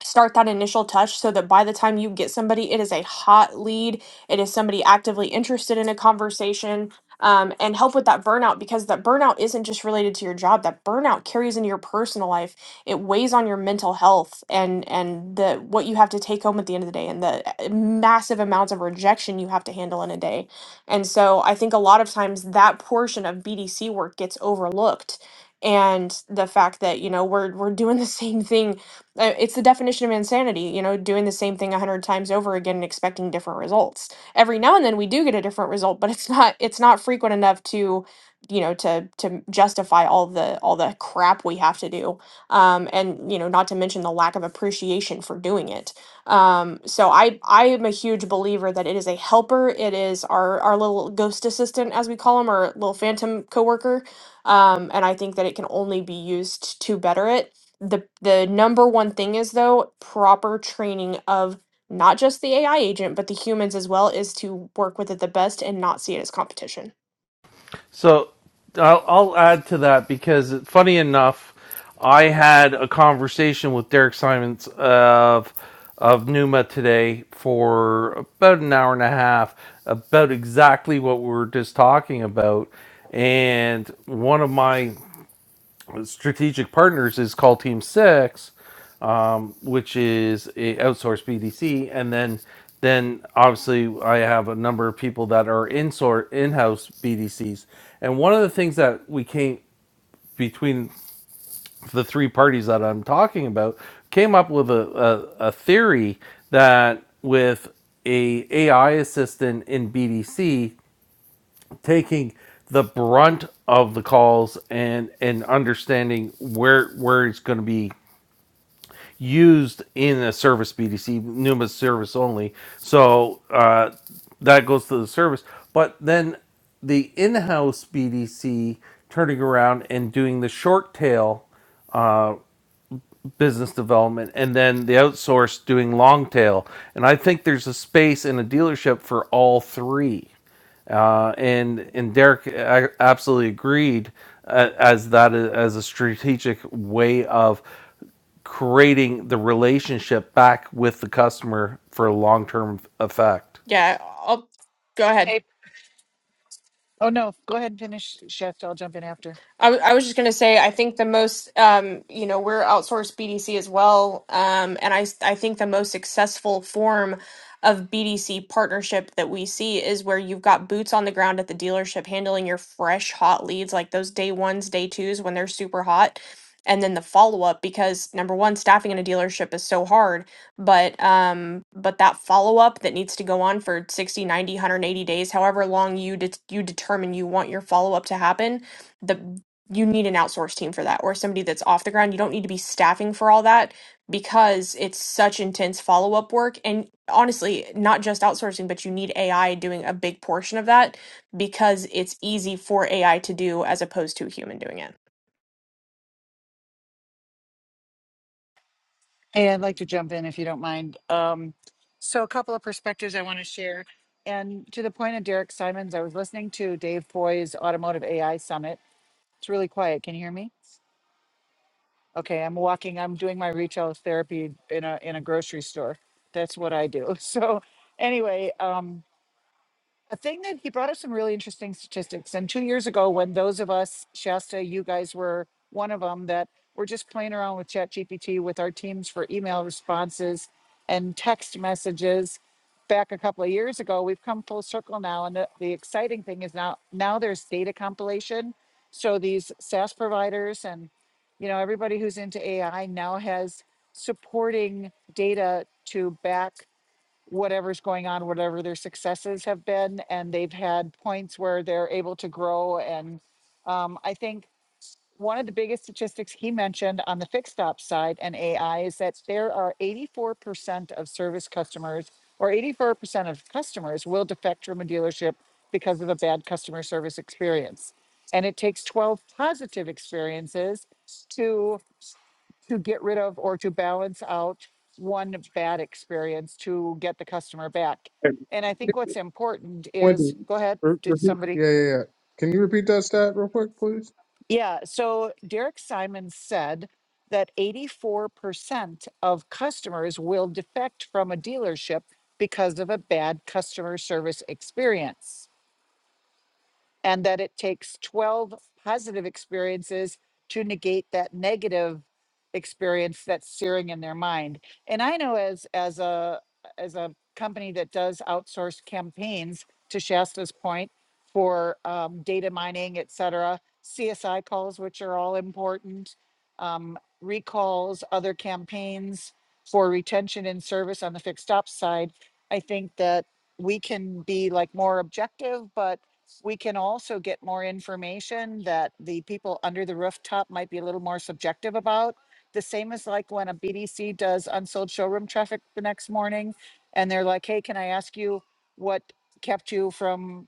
[SPEAKER 2] start that initial touch so that by the time you get somebody, it is a hot lead. It is somebody actively interested in a conversation um, and help with that burnout because that burnout isn't just related to your job. That burnout carries into your personal life. It weighs on your mental health and and the what you have to take home at the end of the day and the uh, massive amounts of rejection you have to handle in a day. And so I think a lot of times that portion of BDC work gets overlooked and the fact that you know we're we're doing the (laughs) same thing uh, It's the definition of insanity, you know, doing the same thing a hundred times over again and expecting different results. Every now and then we do get a different result, but it's (laughs) not it's not frequent enough to, you know, to to justify all the all the crap we have to do, um, and you know, not to mention the lack of appreciation for doing it. Um, so I I am a huge believer that it is a helper. It is our our little ghost assistant, as we call him, or little phantom coworker, um, and I think that it can only be used to better it the the number one thing is though proper training of not just the AI agent but the humans as well is to work with it the best and not see it as competition.
[SPEAKER 1] So I'll, I'll add to that because, funny enough, I had a conversation with Derek Simons of of Numa today for about an hour and a half about exactly what we were just talking about. And one of my strategic partners is called Team Six, um, which is a outsourced BDC, and then then obviously I have a number of people that are in sort in-house BDCs. And one of the things that we came between the three parties that I'm talking about came up with a, a, a theory that with a AI assistant in BDC taking the brunt of the calls and and understanding where where it's going to be used in a service BDC, NUMA service only. So uh, that goes to the service. But then the in-house BDC turning around and doing the short tail business development and then the outsourced doing long tail. And I think there's a space in a dealership for all three. Uh, and and Derek absolutely agreed uh, as that as a strategic way of creating the relationship back with the customer for long term effect.
[SPEAKER 2] Yeah, I'll go ahead.
[SPEAKER 10] Hey, Oh no, go ahead and finish, Chef. I'll jump in after.
[SPEAKER 2] I, w- I was just going to say, I think the most, um, you know, we're outsourced BDC as well. Um, and I, s- I think the most successful form of BDC partnership that we see is where you've got boots on the ground at the dealership handling your fresh, hot leads, like those day ones, day twos when they're super hot. And then the follow up, because number one, staffing in a dealership is so hard, but um, but that follow up that needs to go on for 60, ninety, one hundred eighty days, however long you det you determine you want your follow up to happen the you need an outsourced team for that or somebody that's off the ground. You don't need to be staffing for all that because it's such intense follow up work. And honestly, not just outsourcing, but you need AI doing a big portion of that because it's easy for AI to do as opposed to a human doing it.
[SPEAKER 10] Hey, I'd like to jump in if you don't mind. Um, so, a couple of perspectives I want to share. And to the point of Derek Simons, I was listening to Dave Foy's Automotive AI Summit. It's really quiet. Can you hear me? Okay, I'm walking. I'm doing my retail therapy in a in a grocery store. That's what I do. (laughs) So, anyway, um, a thing that he brought up some really interesting statistics. And two years ago, when those of us, Shasta, you guys were one of them that were just playing around with ChatGPT with our teams for email responses and text messages back a couple of years ago, we've come full circle now. And the, the exciting thing is now, now there's data compilation. So these SaaS providers and, you know, everybody who's into AI now has supporting data to back whatever's going on, whatever their successes have been, and they've had points where they're able to grow. And um, I think one of the biggest statistics he mentioned on the fixed ops side and AI is that there are 84% of service customers or 84% of customers will defect from a dealership because of a bad customer service experience. And it takes 12 positive experiences to to get rid of or to balance out one bad experience to get the customer back.
[SPEAKER 12] And-
[SPEAKER 10] And I think what's important
[SPEAKER 12] Wendy,
[SPEAKER 10] is go ahead,
[SPEAKER 12] re-
[SPEAKER 10] did
[SPEAKER 12] repeat.
[SPEAKER 10] somebody?
[SPEAKER 12] Yeah, yeah, yeah. Can you repeat that stat real quick, please?
[SPEAKER 10] Yeah, so Derek Simon said that 84% of customers will defect from a dealership because of a bad customer service experience. and that it takes 12 positive experiences to negate that negative experience that's searing in their mind and i know as as a as a company that does outsource campaigns to shasta's point for um, data mining et cetera csi calls which are all important um, recalls other campaigns for retention and service on the fixed ops side i think that we can be like more objective but we can also get more information that the people under the rooftop might be a little more subjective about. The same as like when a BDC does unsold showroom traffic the next morning and they're like, hey, can I ask you what kept you from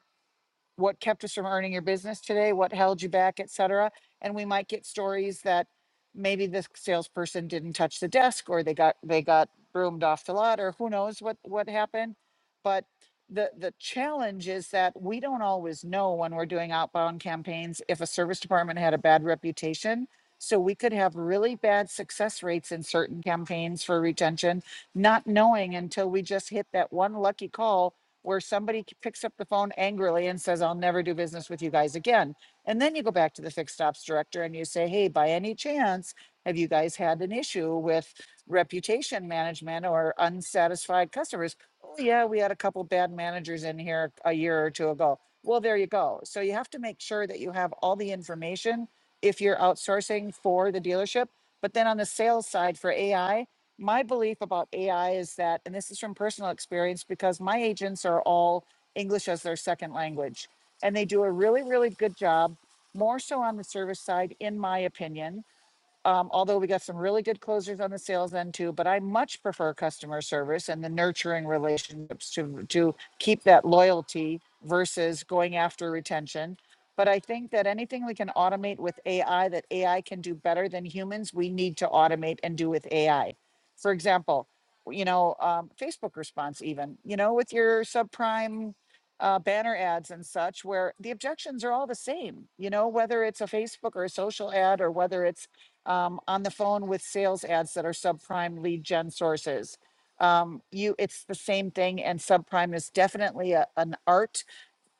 [SPEAKER 10] what kept us from earning your business today, what held you back, et cetera. And we might get stories that maybe the salesperson didn't touch the desk or they got they got broomed off the lot or who knows what what happened. But the the challenge is that we don't always know when we're doing outbound campaigns if a service department had a bad reputation. So we could have really bad success rates in certain campaigns for retention, not knowing until we just hit that one lucky call where somebody c- picks up the phone angrily and says, I'll never do business with you guys again. And then you go back to the fixed ops director and you say, Hey, by any chance, have you guys had an issue with reputation management or unsatisfied customers? Oh, yeah, we had a couple bad managers in here a year or two ago. Well, there you go. So you have to make sure that you have all the information if you're outsourcing for the dealership. But then on the sales side for AI, my belief about AI is that, and this is from personal experience, because my agents are all English as their second language, and they do a really, really good job, more so on the service side, in my opinion. Um, although we got some really good closers on the sales end too, but I much prefer customer service and the nurturing relationships to to keep that loyalty versus going after retention. But I think that anything we can automate with AI that AI can do better than humans, we need to automate and do with AI. For example, you know, um, Facebook response, even, you know, with your subprime uh, banner ads and such, where the objections are all the same, you know, whether it's a Facebook or a social ad or whether it's um, on the phone with sales ads that are subprime lead gen sources. Um, you, it's the same thing, and subprime is definitely a, an art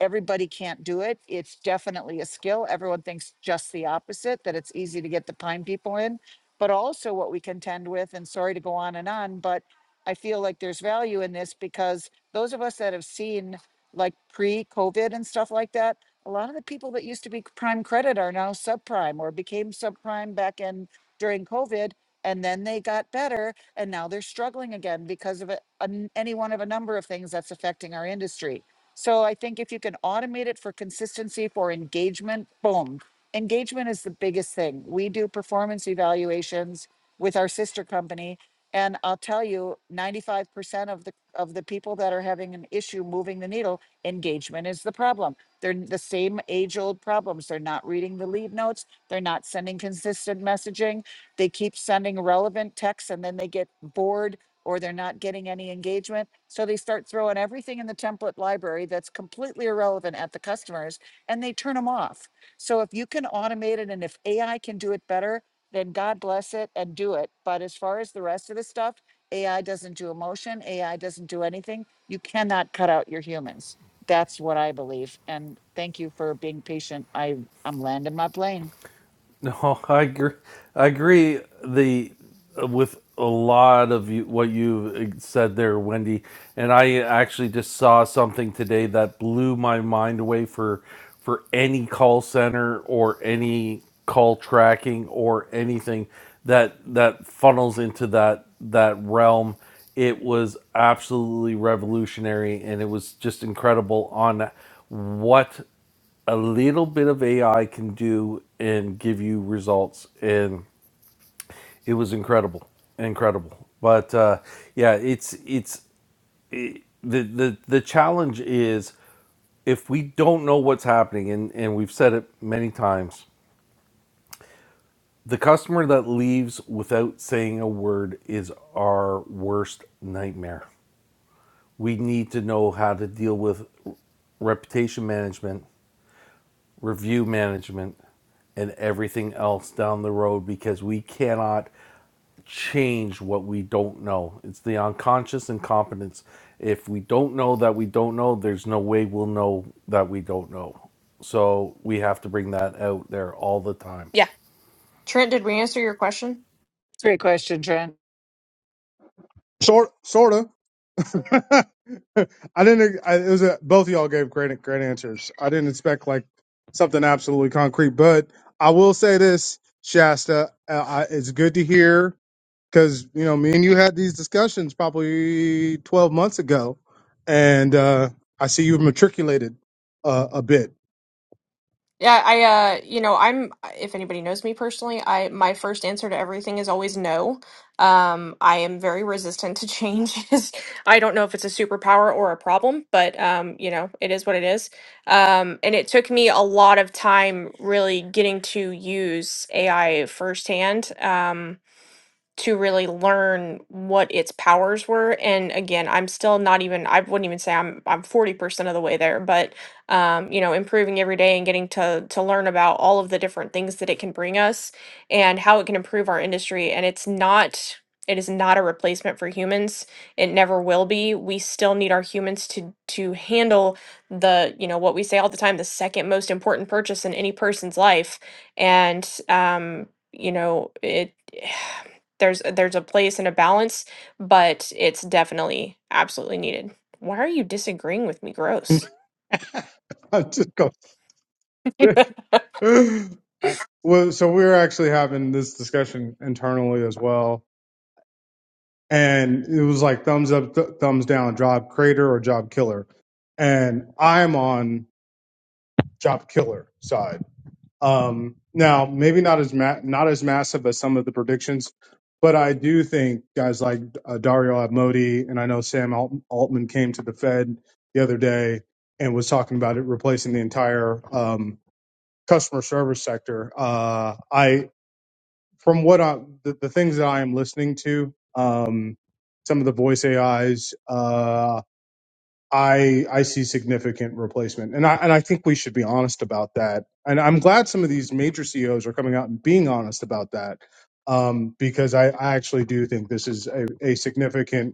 [SPEAKER 10] everybody can't do it. It's definitely a skill. Everyone thinks just the opposite, that it's easy to get the pine people in. But also, what we contend with, and sorry to go on and on, but I feel like there's value in this because those of us that have seen like pre COVID and stuff like that, a lot of the people that used to be prime credit are now subprime or became subprime back in during COVID. And then they got better, and now they're struggling again because of a, an- any one of a number of things that's affecting our industry. So I think if you can automate it for consistency, for engagement, boom. Engagement is the biggest thing. We do performance evaluations with our sister company. And I'll tell you, 95% of the of the people that are having an issue moving the needle, engagement is the problem. They're n- the same age-old problems. They're not reading the lead notes. They're not sending consistent messaging. They keep sending relevant texts and then they get bored or they're not getting any engagement. So they start throwing everything in the template library that's completely irrelevant at the customers and they turn them off. So if you can automate it and if AI can do it better, then God bless it and do it. But as far as the rest of the stuff, AI doesn't do emotion, AI doesn't do anything. You cannot cut out your humans. That's what I believe. And thank you for being patient. I, I'm landing my plane.
[SPEAKER 1] No, (laughs) I agree. I agree. The with a lot of you, what you said there, Wendy, and I actually just saw something today that blew my mind away for for any call center or any call tracking or anything that that funnels into that that realm. It was absolutely revolutionary, and it was just incredible on what a little bit of AI can do and give you results, and it was incredible, incredible. But uh, yeah, it's it's it, the the the challenge is if we don't know what's happening, and and we've said it many times, the customer that leaves without saying a word is our worst nightmare. We need to know how to deal with reputation management review management, and everything else down the road because we cannot change what we don't know. It's the unconscious incompetence. If we don't know that we don't know, there's no way we'll know that we don't know. So we have to bring that out there all the time.
[SPEAKER 2] Yeah. Trent, did we answer your question?
[SPEAKER 10] Great question, Trent.
[SPEAKER 12] Sort, sorta. (laughs) I didn't. I, it was a, both of y'all gave great great answers. I didn't expect like something absolutely concrete, but I will say this, Shasta. Uh, I, it's good to hear because you know me and you had these discussions probably twelve months ago, and uh, I see you've matriculated uh, a bit.
[SPEAKER 2] Yeah, I uh you know, I'm if anybody knows me personally, I my first answer to everything is always no. Um I am very resistant to changes. (laughs) I don't know if it's a superpower or a problem, but um you know, it is what it is. Um and it took me a lot of time really getting to use AI firsthand. Um to really learn what its powers were. And again, I'm still not even I wouldn't even say I'm I'm 40% of the way there, but um, you know, improving every day and getting to to learn about all of the different things that it can bring us and how it can improve our industry. And it's not it is not a replacement for humans. It never will be. We still need our humans to to handle the, you know, what we say all the time, the second most important purchase in any person's life. And um, you know, it (sighs) There's there's a place and a balance, but it's definitely absolutely needed. Why are you disagreeing with me?
[SPEAKER 12] (laughs)
[SPEAKER 2] Gross.
[SPEAKER 12] I'm just going.
[SPEAKER 2] (laughs)
[SPEAKER 12] yeah. (laughs) Well, so we're actually having this discussion internally as well and it was like thumbs up, th- thumbs down, job creator or job killer. And I'm on job killer side. Um, now, maybe not as ma- not as massive as some of the predictions, but I do think guys like uh, Dario Abmodi and I know Sam Alt- Altman came to the Fed the other day and was talking about it replacing the entire um, customer service sector. Uh, I from what I, the, the things that I am listening to, um, some of the voice AIs, uh, I I see significant replacement, and I and I think we should be honest about that. And I'm glad some of these major CEOs are coming out and being honest about that, um, because I, I actually do think this is a, a significant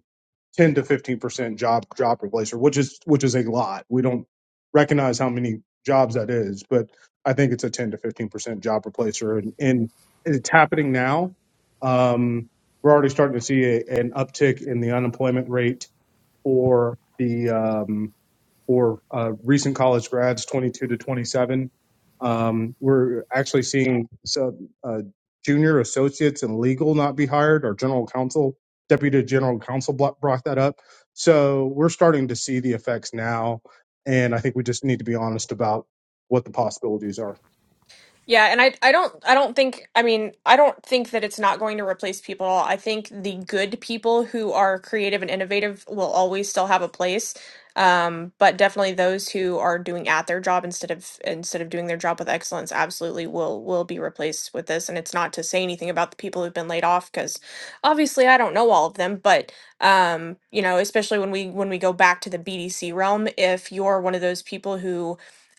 [SPEAKER 12] 10 to 15% job job replacer, which is which is a lot. We don't recognize how many jobs that is, but I think it's a 10 to 15% job replacer and, and it's happening now. Um, we're already starting to see a, an uptick in the unemployment rate for the um, for uh, recent college grads 22 to 27. Um, we're actually seeing some, uh, junior associates in legal not be hired. Our general counsel, deputy general counsel blo- brought that up. So we're starting to see the effects now. And I think we just need to be honest about what the possibilities are.
[SPEAKER 2] Yeah, and I I don't I don't think I mean I don't think that it's not going to replace people at all. I think the good people who are creative and innovative will always still have a place. Um, but definitely those who are doing at their job instead of instead of doing their job with excellence absolutely will will be replaced with this. And it's not to say anything about the people who've been laid off because obviously I don't know all of them, but um, you know, especially when we when we go back to the BDC realm, if you're one of those people who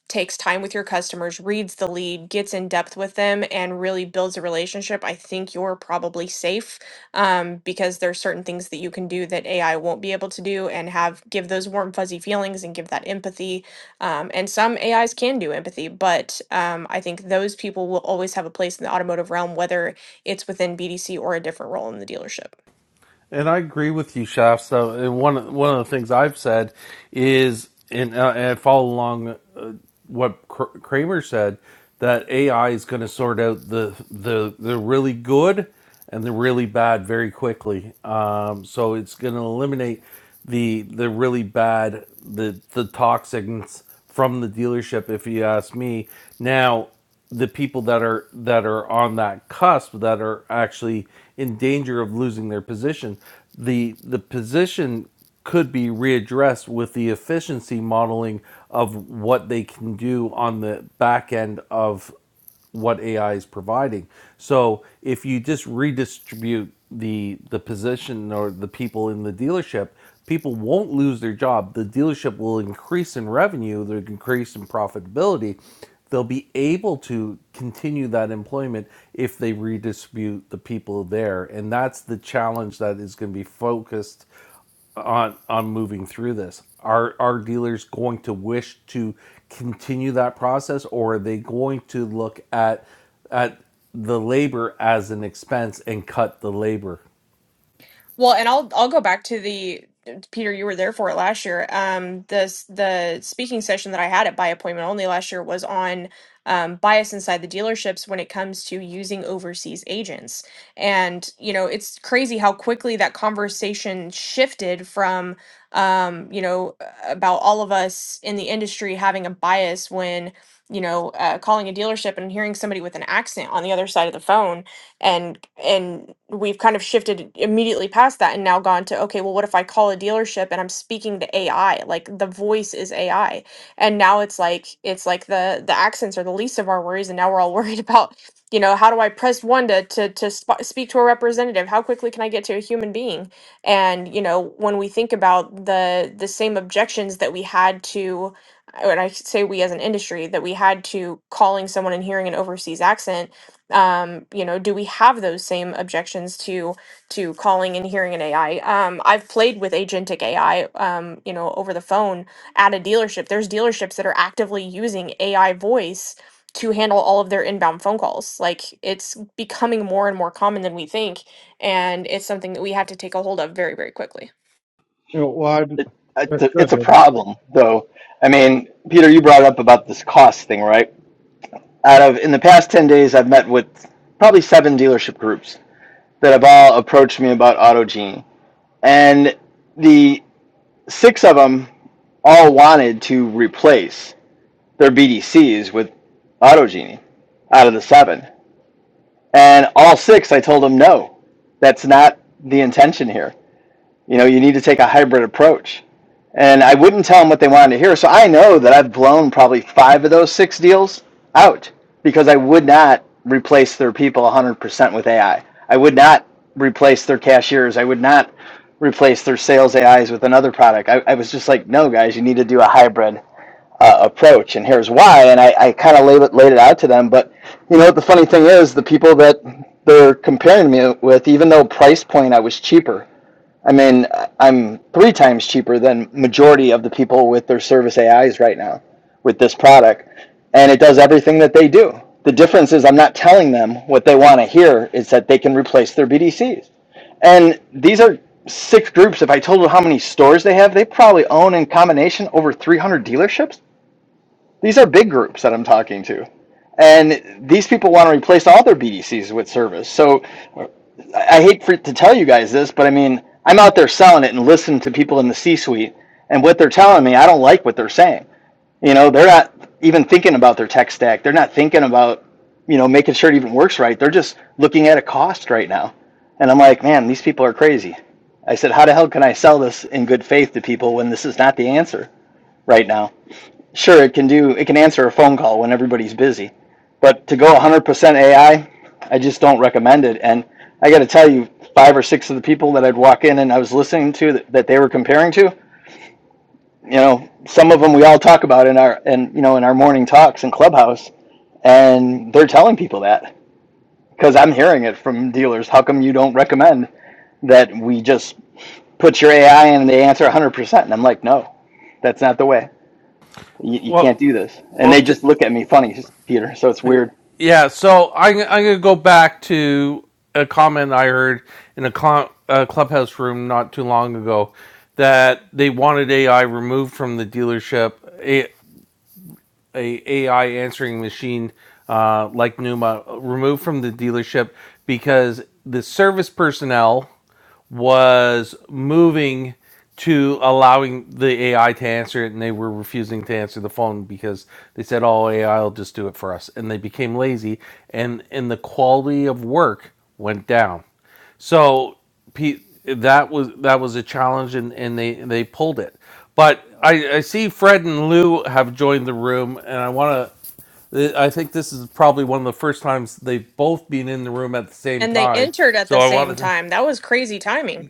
[SPEAKER 2] takes time with your customers, reads the lead, gets in depth with them, and really builds a relationship, I think you're probably safe um, because there's certain things that you can do that AI won't be able to do and have give those warm fuzzy feelings and give that empathy. Um, and some AIs can do empathy, but um, I think those people will always have a place in the automotive realm, whether it's within BDC or a different role in the dealership.
[SPEAKER 1] And I agree with you, Shasta. And one one of the things I've said is, and, uh, and I follow along uh, what Kramer said, that AI is going to sort out the the the really good and the really bad very quickly. Um, so it's going to eliminate the the really bad the the toxins from the dealership. If you ask me now the people that are that are on that cusp that are actually in danger of losing their position the the position could be readdressed with the efficiency modeling of what they can do on the back end of what AI is providing. So if you just redistribute the the position or the people in the dealership, people won't lose their job. The dealership will increase in revenue, they'll increase in profitability. They'll be able to continue that employment if they redistribute the people there. And that's the challenge that is going to be focused on on moving through this are are dealers going to wish to continue that process or are they going to look at at the labor as an expense and cut the labor
[SPEAKER 2] Well, and I'll I'll go back to the Peter, you were there for it last year. Um, this the speaking session that I had at By Appointment Only last year was on um, bias inside the dealerships when it comes to using overseas agents. And you know, it's crazy how quickly that conversation shifted from um, you know about all of us in the industry having a bias when you know uh, calling a dealership and hearing somebody with an accent on the other side of the phone and and we've kind of shifted immediately past that and now gone to okay well what if i call a dealership and i'm speaking to ai like the voice is ai and now it's like it's like the the accents are the least of our worries and now we're all (laughs) worried about you know how do i press one to to, to sp- speak to a representative how quickly can i get to a human being and you know when we think about the the same objections that we had to when i say we as an industry that we had to calling someone and hearing an overseas accent um you know do we have those same objections to to calling and hearing an ai um i've played with agentic ai um you know over the phone at a dealership there's dealerships that are actively using ai voice to handle all of their inbound phone calls like it's becoming more and more common than we think and it's something that we have to take a hold of very very quickly
[SPEAKER 12] You know, well, I,
[SPEAKER 14] It, It's
[SPEAKER 12] that's
[SPEAKER 14] a,
[SPEAKER 12] good,
[SPEAKER 14] it's a
[SPEAKER 12] David.
[SPEAKER 14] problem, though. I mean, Peter, you brought up about this cost thing, right? Out of in the past ten days, I've met with probably seven dealership groups that have all approached me about AutoGenie, and the six of them all wanted to replace their BDCs with AutoGenie out of the seven, and all six, I told them no, that's not the intention here. You know, you need to take a hybrid approach and I wouldn't tell them what they wanted to hear. So I know that I've blown probably five of those six deals out because I would not replace their people 100% with AI. I I would not replace their cashiers. I would not replace their sales AIs with another product. I, I was just like, no, guys, you need to do a hybrid uh, approach, and here's why. And I, I kind of laid it, laid it out to them. But you know what the funny thing is, the people that they're comparing me with, even though price point I was cheaper, I mean, I- am three times cheaper than majority of the people with their service AIs right now with this product, and it does everything that they do. The difference is I'm not telling them what they want to hear is that they can replace their BDCs. And these are six groups. If I told them how many stores they have, they probably own in combination over 300 dealerships. These are big groups that I'm talking to and these people want to replace all their BDCs with service. So I hate for to tell you guys this, but I mean, I'm out there selling it and listening to people in the C-suite, and what they're telling me, I don't like what they're saying. You know, they're not even thinking about their tech stack. They're not thinking about, you know, making sure it even works right. They're just looking at a cost right now. And I'm like, man, these people are crazy. I said, how the hell can I sell this in good faith to people when this is not the answer right now? Sure, it can do it can answer a phone call when everybody's busy, but to go 100% AI, I I just don't recommend it. And I got to tell you, five or six of the people that I'd walk in and I was listening to that, that they were comparing to, you know, some of them we all talk about in our and you know in our morning talks in Clubhouse, and they're telling people that because I'm hearing it from dealers. How come you don't recommend that we just put your AI in and they answer 100%? And I'm like, no, that's not the way. you, you can't
[SPEAKER 1] well
[SPEAKER 14] do this. And
[SPEAKER 1] well
[SPEAKER 14] they
[SPEAKER 1] th-
[SPEAKER 14] just look at me funny, just Peter. So it's weird.
[SPEAKER 1] yeah so I, i'm going to go back to a comment i heard in a, cl- a clubhouse room not too long ago that they wanted ai removed from the dealership It, a AI answering machine uh, like Numa removed from the dealership because the service personnel was moving to allowing the AI to answer it, and they were refusing to answer the phone because they said, "Oh, AI will just do it for us," and they became lazy, and and the quality of work went down. So pe- that was that was a challenge, and, and they they pulled it. But I, I see Fred and Lou have joined the room, and I want to. I think this is probably one of the first times they've both been in the room at the same
[SPEAKER 2] and they
[SPEAKER 1] time.
[SPEAKER 2] entered at
[SPEAKER 1] So
[SPEAKER 2] the
[SPEAKER 1] I
[SPEAKER 2] same
[SPEAKER 1] wanted to.
[SPEAKER 2] time that was crazy timing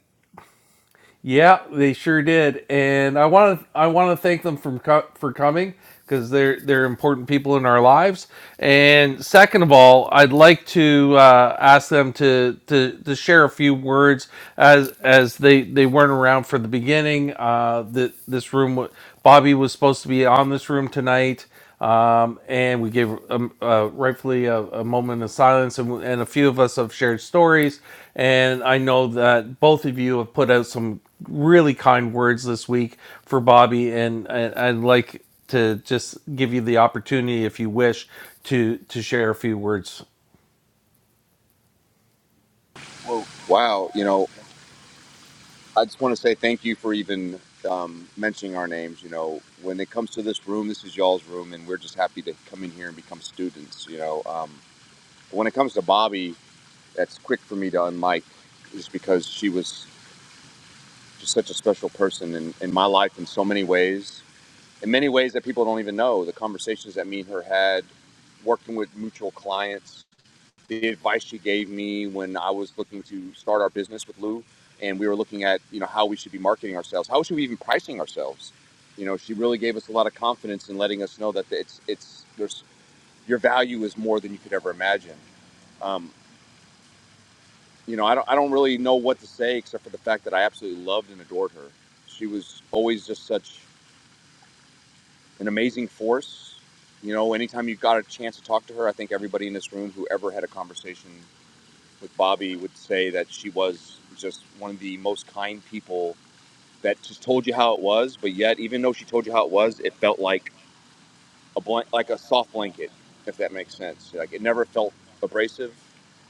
[SPEAKER 1] Yeah, they sure did, and I want to I want to thank them for co- for coming because they're they're important people in our lives. And second of all, I'd like to uh, ask them to, to to share a few words as as they they weren't around for the beginning. Uh, that this room, Bobby was supposed to be on this room tonight um, and we gave um, uh, rightfully a, a moment of silence, and, and a few of us have shared stories. And I know that both of you have put out some really kind words this week for Bobby, and, and I'd like to just give you the opportunity, if you wish, to to share a few words.
[SPEAKER 15] Well, wow. You know, I just want to say thank you for even um, mentioning our names. You know, when it comes to this room, this is y'all's room, and we're just happy to come in here and become students. You know, um, when it comes to Bobby, that's quick for me to unmic, just because she was just such a special person in, in my life in so many ways, in many ways that people don't even know. The conversations that me and her had, working with mutual clients, the advice she gave me when I was looking to start our business with Lou, and we were looking at you know how we should be marketing ourselves, how should we even pricing ourselves. You know, she really gave us a lot of confidence in letting us know that it's it's there's your value is more than you could ever imagine. Um, you know, I don't I don't really know what to say except for the fact that I absolutely loved and adored her. She was always just such an amazing force. You know, anytime you got a chance to talk to her, I think everybody in this room who ever had a conversation with Bobby would say that she was just one of the most kind people that just told you how it was, but yet even though she told you how it was, it felt like a blank, like a soft blanket, if that makes sense. Like it never felt abrasive.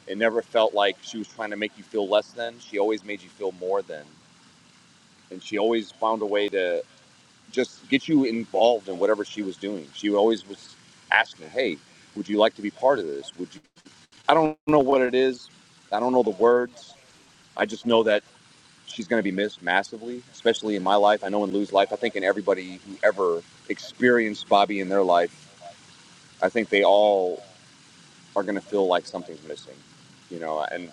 [SPEAKER 15] It never felt like she was trying to make you feel less than. She always made you feel more than, and she always found a way to just get you involved in whatever she was doing. She always was asking, "Hey, would you like to be part of this? Would you?" I don't know what it is. I don't know the words. I just know that she's going to be missed massively, especially in my life. I know in Lou's life, I think in everybody who ever experienced Bobby in their life, I think they all are going to feel like something's missing, you know, and,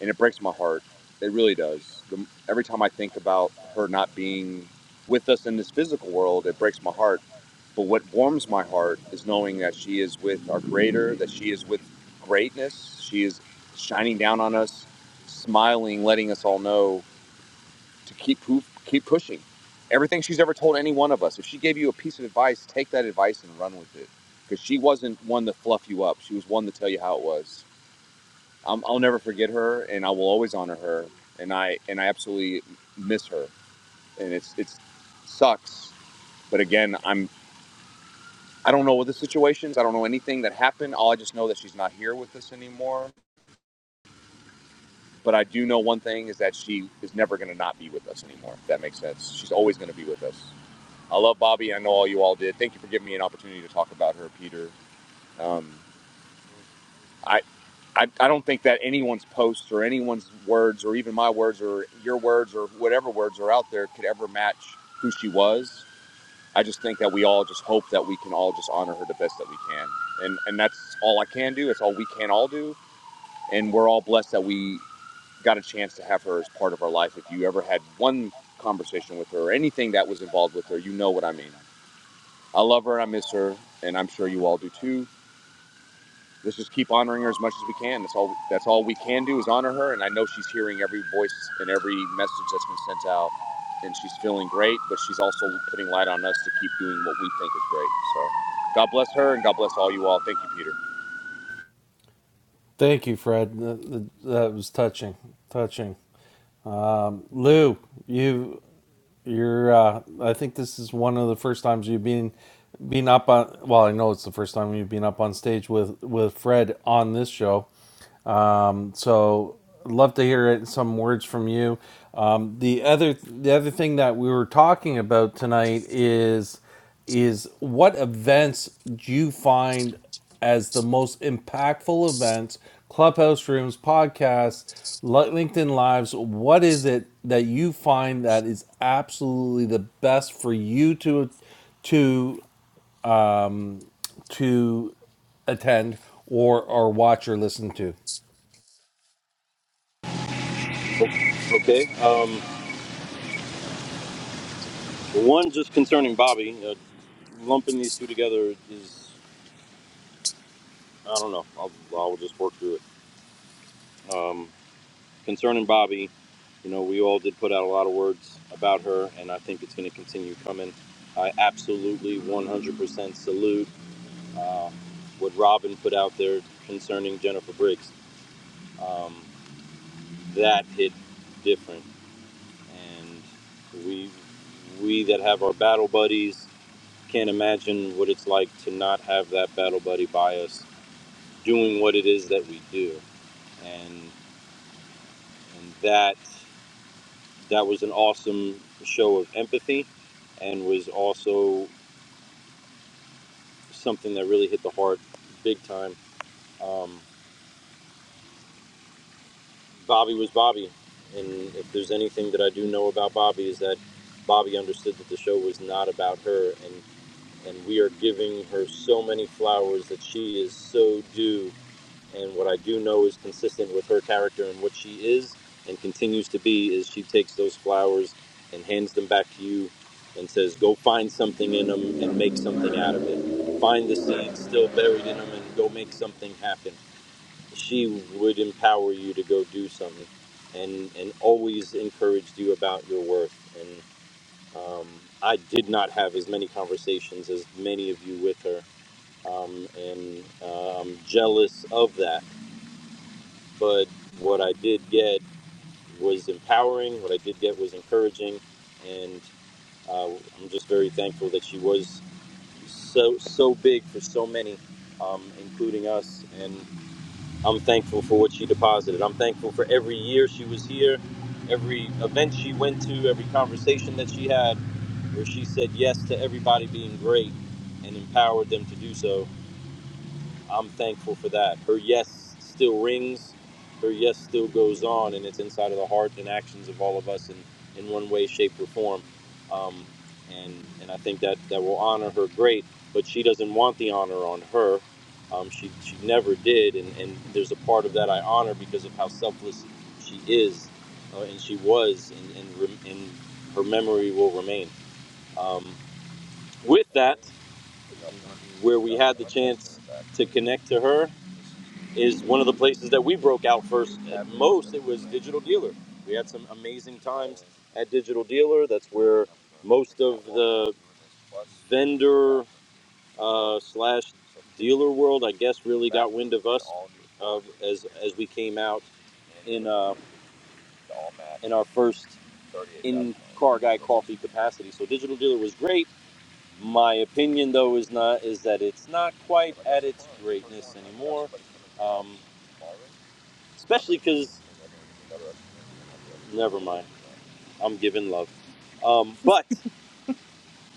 [SPEAKER 15] and it breaks my heart. It really does. The, every time I think about her not being with us in this physical world, it breaks my heart. But what warms my heart is knowing that she is with our Creator, that she is with greatness. She is shining down on us, smiling, letting us all know to keep poof, keep pushing. Everything she's ever told any one of us. If she gave you a piece of advice, take that advice and run with it. Because she wasn't one to fluff you up. She was one to tell you how it was. i I'll never forget her, and I will always honor her. And I and I absolutely miss her. And it's it's sucks. But again, I'm I don't know what the situations. I don't know anything that happened. All I just know that she's not here with us anymore. But I do know one thing is that she is never going to not be with us anymore. If that makes sense. She's always going to be with us. I love Bobby. I know all you all did. Thank you for giving me an opportunity to talk about her, Peter. Um, I, I, I don't think that anyone's posts or anyone's words or even my words or your words or whatever words are out there could ever match who she was. I just think that we all just hope that we can all just honor her the best that we can. And, and that's all I can do. It's all we can all do. And we're all blessed that we got a chance to have her as part of our life. If you ever had one conversation with her or anything that was involved with her, you know what I mean. I love her and I miss her, and I'm sure you all do too. Let's just keep honoring her as much as we can. That's all. That's all we can do is honor her, and I know she's hearing every voice and every message that's been sent out, and she's feeling great. But she's also putting light on us to keep doing what we think is great. So, God bless her, and God bless all you all. Thank you, Peter.
[SPEAKER 1] Thank you, Fred. That, that that was touching, touching. Lou, you You're. Uh, I think this is one of the first times you've been been up on. Well, I know it's the first time you've been up on stage with with Fred on this show, um, so love to hear it, some words from you. Um, the other the other thing that we were talking about tonight is is what events do you find as the most impactful events, clubhouse rooms, podcasts, LinkedIn lives, what is it that you find that is absolutely the best for you to to um, to attend or or watch or listen to?
[SPEAKER 16] Okay. Um, one just concerning Bobby. Uh, lumping these two together is, I don't know. I'll, I'll just work through it. Um, concerning Bobby, you know, we all did put out a lot of words about her, and I think it's going to continue coming. I absolutely 100% salute uh, what Robin put out there concerning Jennifer Briggs. Um, that hit different, and we we that have our battle buddies Can't imagine what it's like to not have that battle buddy by us doing what it is that we do. And, and that, that was an awesome show of empathy and was also something that really hit the heart big time. Um, Bobby was Bobby. And if there's anything that I do know about Bobby is that Bobby understood that the show was not about her. And, and we are giving her so many flowers that she is so due And what I do know is consistent with her character and what she is and continues to be is she takes those flowers and hands them back to you and says, go find something in them and make something out of it. Find the seed still buried in them and go make something happen. She would empower you to go do something and, and always encouraged you about your worth. And um, I did not have as many conversations as many of you with her um, and uh, I'm jealous of that but what I did get was empowering. What I did get was encouraging, and uh, I'm just very thankful that she was so so big for so many, um, including us. And I'm thankful for what she deposited. I'm thankful for every year she was here, every event she went to, every conversation that she had, where she said yes to everybody being great and empowered them to do so. I'm thankful for that. Her yes still rings, her yes still goes on, and it's inside of the heart and actions of all of us in, in one way, shape, or form. Um, and and I think that that will honor her great, but she doesn't want the honor on her. Um, she she never did, and and there's a part of that I honor because of how selfless she is, uh, and she was, and and, and her memory will remain. Um, with that, where we had the chance to connect to her. is one of the places that we broke out first. At most, it was Digital Dealer. We had some amazing times at Digital Dealer. That's where most of the vendor uh, slash dealer world, I guess, really got wind of us uh, as as we came out in uh, in our first in car guy coffee capacity. So Digital Dealer was great. My opinion, though, is not is that it's not quite at its greatness anymore. Um, especially because never mind. I'm giving love. Um, but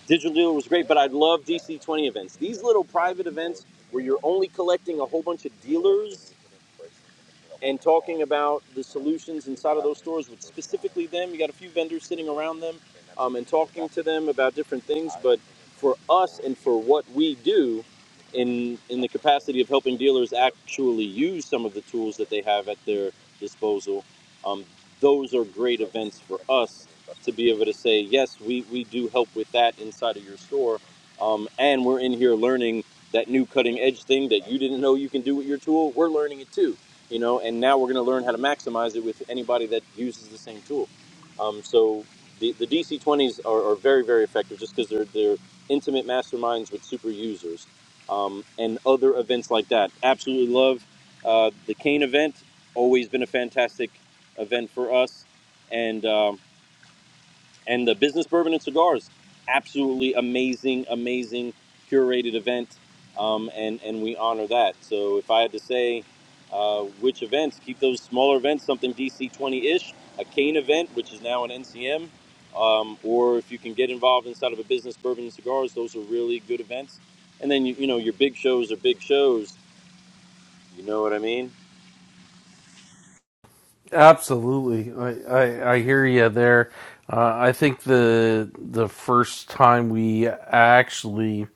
[SPEAKER 16] Digital Dealer was great, but I love DC 20 events. These little private events where you're only collecting a whole bunch of dealers and talking about the solutions inside of those stores with specifically them. You got a few vendors sitting around them um, and talking to them about different things. But for us and for what we do in in the capacity of helping dealers actually use some of the tools that they have at their disposal, um, those are great events for us to be able to say, yes, we, we do help with that inside of your store. Um, and we're in here learning that new cutting edge thing that you didn't know you can do with your tool, we're learning it too, you know, and now we're going to learn how to maximize it with anybody that uses the same tool. Um, so the, the DC20s are, are very, very effective just because they're, they're intimate masterminds with super users um, and other events like that. Absolutely love uh, the cane event, always been a fantastic event for us. And um, and the business bourbon and cigars absolutely amazing amazing curated event um, and and we honor that so if i had to say uh, which events keep those smaller events something dc 20-ish a cane event which is now an ncm um, or if you can get involved inside of a business bourbon and cigars those are really good events and then you, you know your big shows are big shows you know what i mean
[SPEAKER 1] Absolutely, I, I, I hear you there. Uh, I think the the first time we actually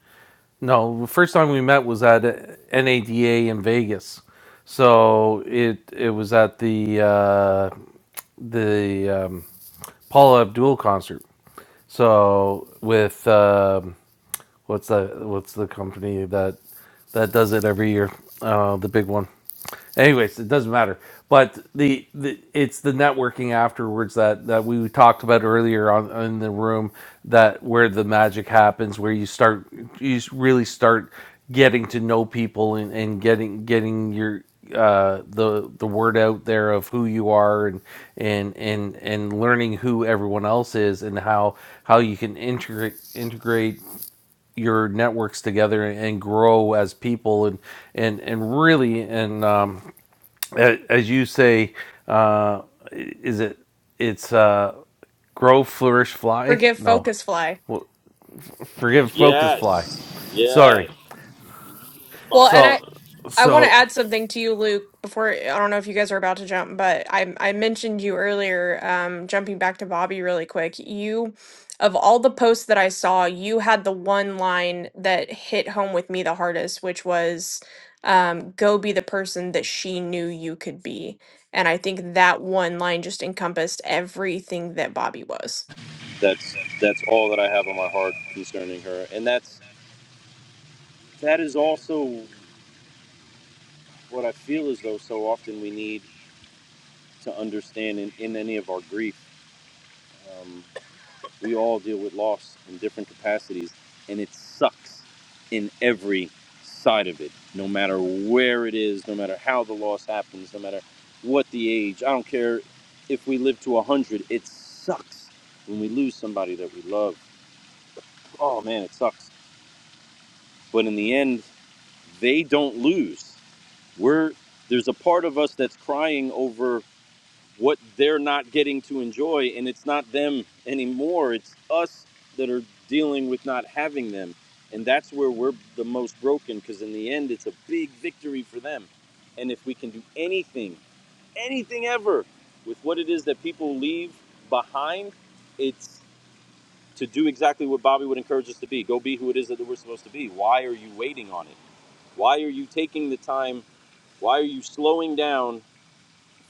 [SPEAKER 1] no, the first time we met was at NADA in Vegas. So it it was at the uh, the um, Paula Abdul concert. So with um, What's that? What's the company that that does it every year? Uh, the big one. Anyways, it doesn't matter. But the, the it's the networking afterwards that that we talked about earlier on in the room that where the magic happens, where you start you s- really start getting to know people and, and getting getting your uh the the word out there of who you are and and and and learning who everyone else is and how how you can integrate integrate your networks together and grow as people and and and really and um, as you say uh, is it it's uh, grow flourish fly
[SPEAKER 2] forgive
[SPEAKER 1] no
[SPEAKER 2] focus fly
[SPEAKER 1] well, forgive focus fly
[SPEAKER 16] yes
[SPEAKER 1] sorry
[SPEAKER 16] yes
[SPEAKER 2] well
[SPEAKER 16] mom
[SPEAKER 2] and i
[SPEAKER 1] so
[SPEAKER 2] I want to
[SPEAKER 1] so
[SPEAKER 2] add something to you, Luke, before I don't know if you guys are about to jump, but I I mentioned you earlier, um, jumping back to Bobby really quick. You of all the posts that I saw, you had the one line that hit home with me the hardest, which was um, go be the person that she knew you could be. And I think that one line just encompassed everything that Bobby was.
[SPEAKER 16] that's that's all that i have on my heart concerning her and that's that is also what I feel as though so often we need to understand in, in any of our grief. Um, we all deal with loss in different capacities, and it sucks in every side of it, no matter where it is, no matter how the loss happens, no matter what the age. I don't care if we live to 100, it sucks when we lose somebody that we love. Oh man, it sucks. But in the end, they don't lose. We're there's a part of us that's crying over what they're not getting to enjoy and it's not them anymore it's us that are dealing with not having them and that's where we're the most broken because in the end it's a big victory for them and if we can do anything anything ever with what it is that people leave behind it's to do exactly what bobby would encourage us to be go be who it is that we're supposed to be why are you waiting on it why are you taking the time why are you slowing down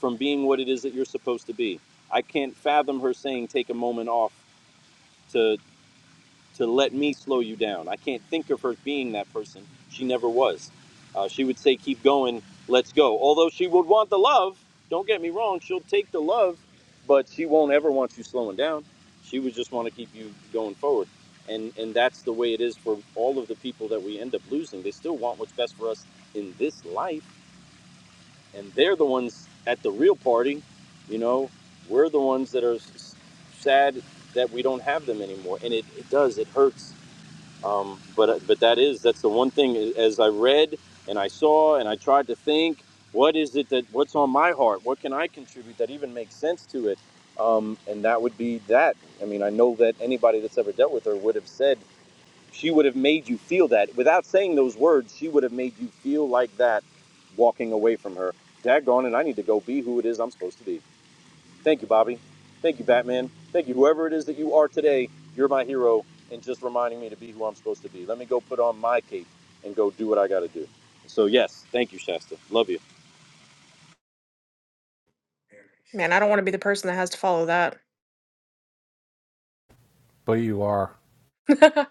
[SPEAKER 16] from being what it is that you're supposed to be. I can't fathom her saying take a moment off to to let me slow you down. I can't think of her being that person. She never was. Uh, she would say keep going, let's go. Although she would want the love. Don't get me wrong. She'll take the love, but she won't ever want you slowing down. She would just want to keep you going forward. And and that's the way it is for all of the people that we end up losing. They still want what's best for us in this life and they're the ones at the real party. You know, we're the ones that are sad that we don't have them anymore, and it, it does it hurts. Um, but uh, but that is that's the one thing as I read and I saw and I tried to think, what is it that what's on my heart? What can I contribute that even makes sense to it? Um, and that would be that. I mean, I know that anybody that's ever dealt with her would have said she would have made you feel that. Without saying those words, she would have made you feel like that walking away from her. Daggone it, I need to go be who it is I'm supposed to be. Thank you, Bobby. Thank you, Batman. Thank you, whoever it is that you are today. You're my hero and just reminding me to be who I'm supposed to be. Let me go put on my cape and go do what I got to do. So, yes, thank you, Shasta. Love you.
[SPEAKER 2] Man, I don't want to be the person that has to follow that.
[SPEAKER 1] but you are
[SPEAKER 2] (laughs)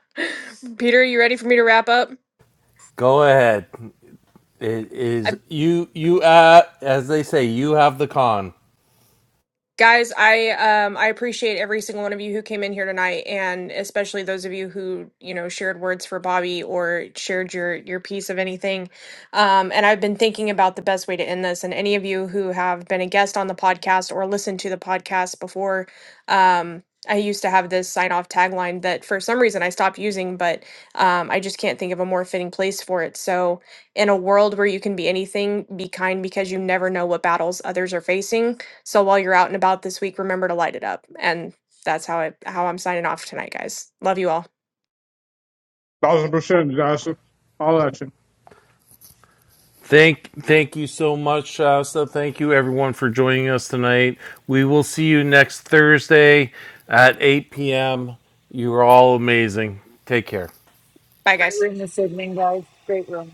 [SPEAKER 2] Peter, you ready for me to wrap up?
[SPEAKER 1] go ahead it is you you uh, as they say you have the con
[SPEAKER 2] Guys, I um I appreciate every single one of you who came in here tonight and especially those of you who, you know, shared words for Bobby or shared your your piece of anything. Um and I've been thinking about the best way to end this and any of you who have been a guest on the podcast or listened to the podcast before um I used to have this sign off tagline that for some reason I stopped using, but um, I just can't think of a more fitting place for it. So, in a world where you can be anything, be kind because you never know what battles others are facing so while you're out and about this week, remember to light it up. And that's how I how I'm signing off tonight, guys. Love you all.
[SPEAKER 12] Thousand percent, Joshua. All that.
[SPEAKER 1] Thank, thank you so much, Shasta. Thank you, everyone, for joining us tonight. We will see you next Thursday at 8 p.m. You are all amazing. Take care.
[SPEAKER 2] Bye guys.
[SPEAKER 10] Great room this evening, guys. Great room.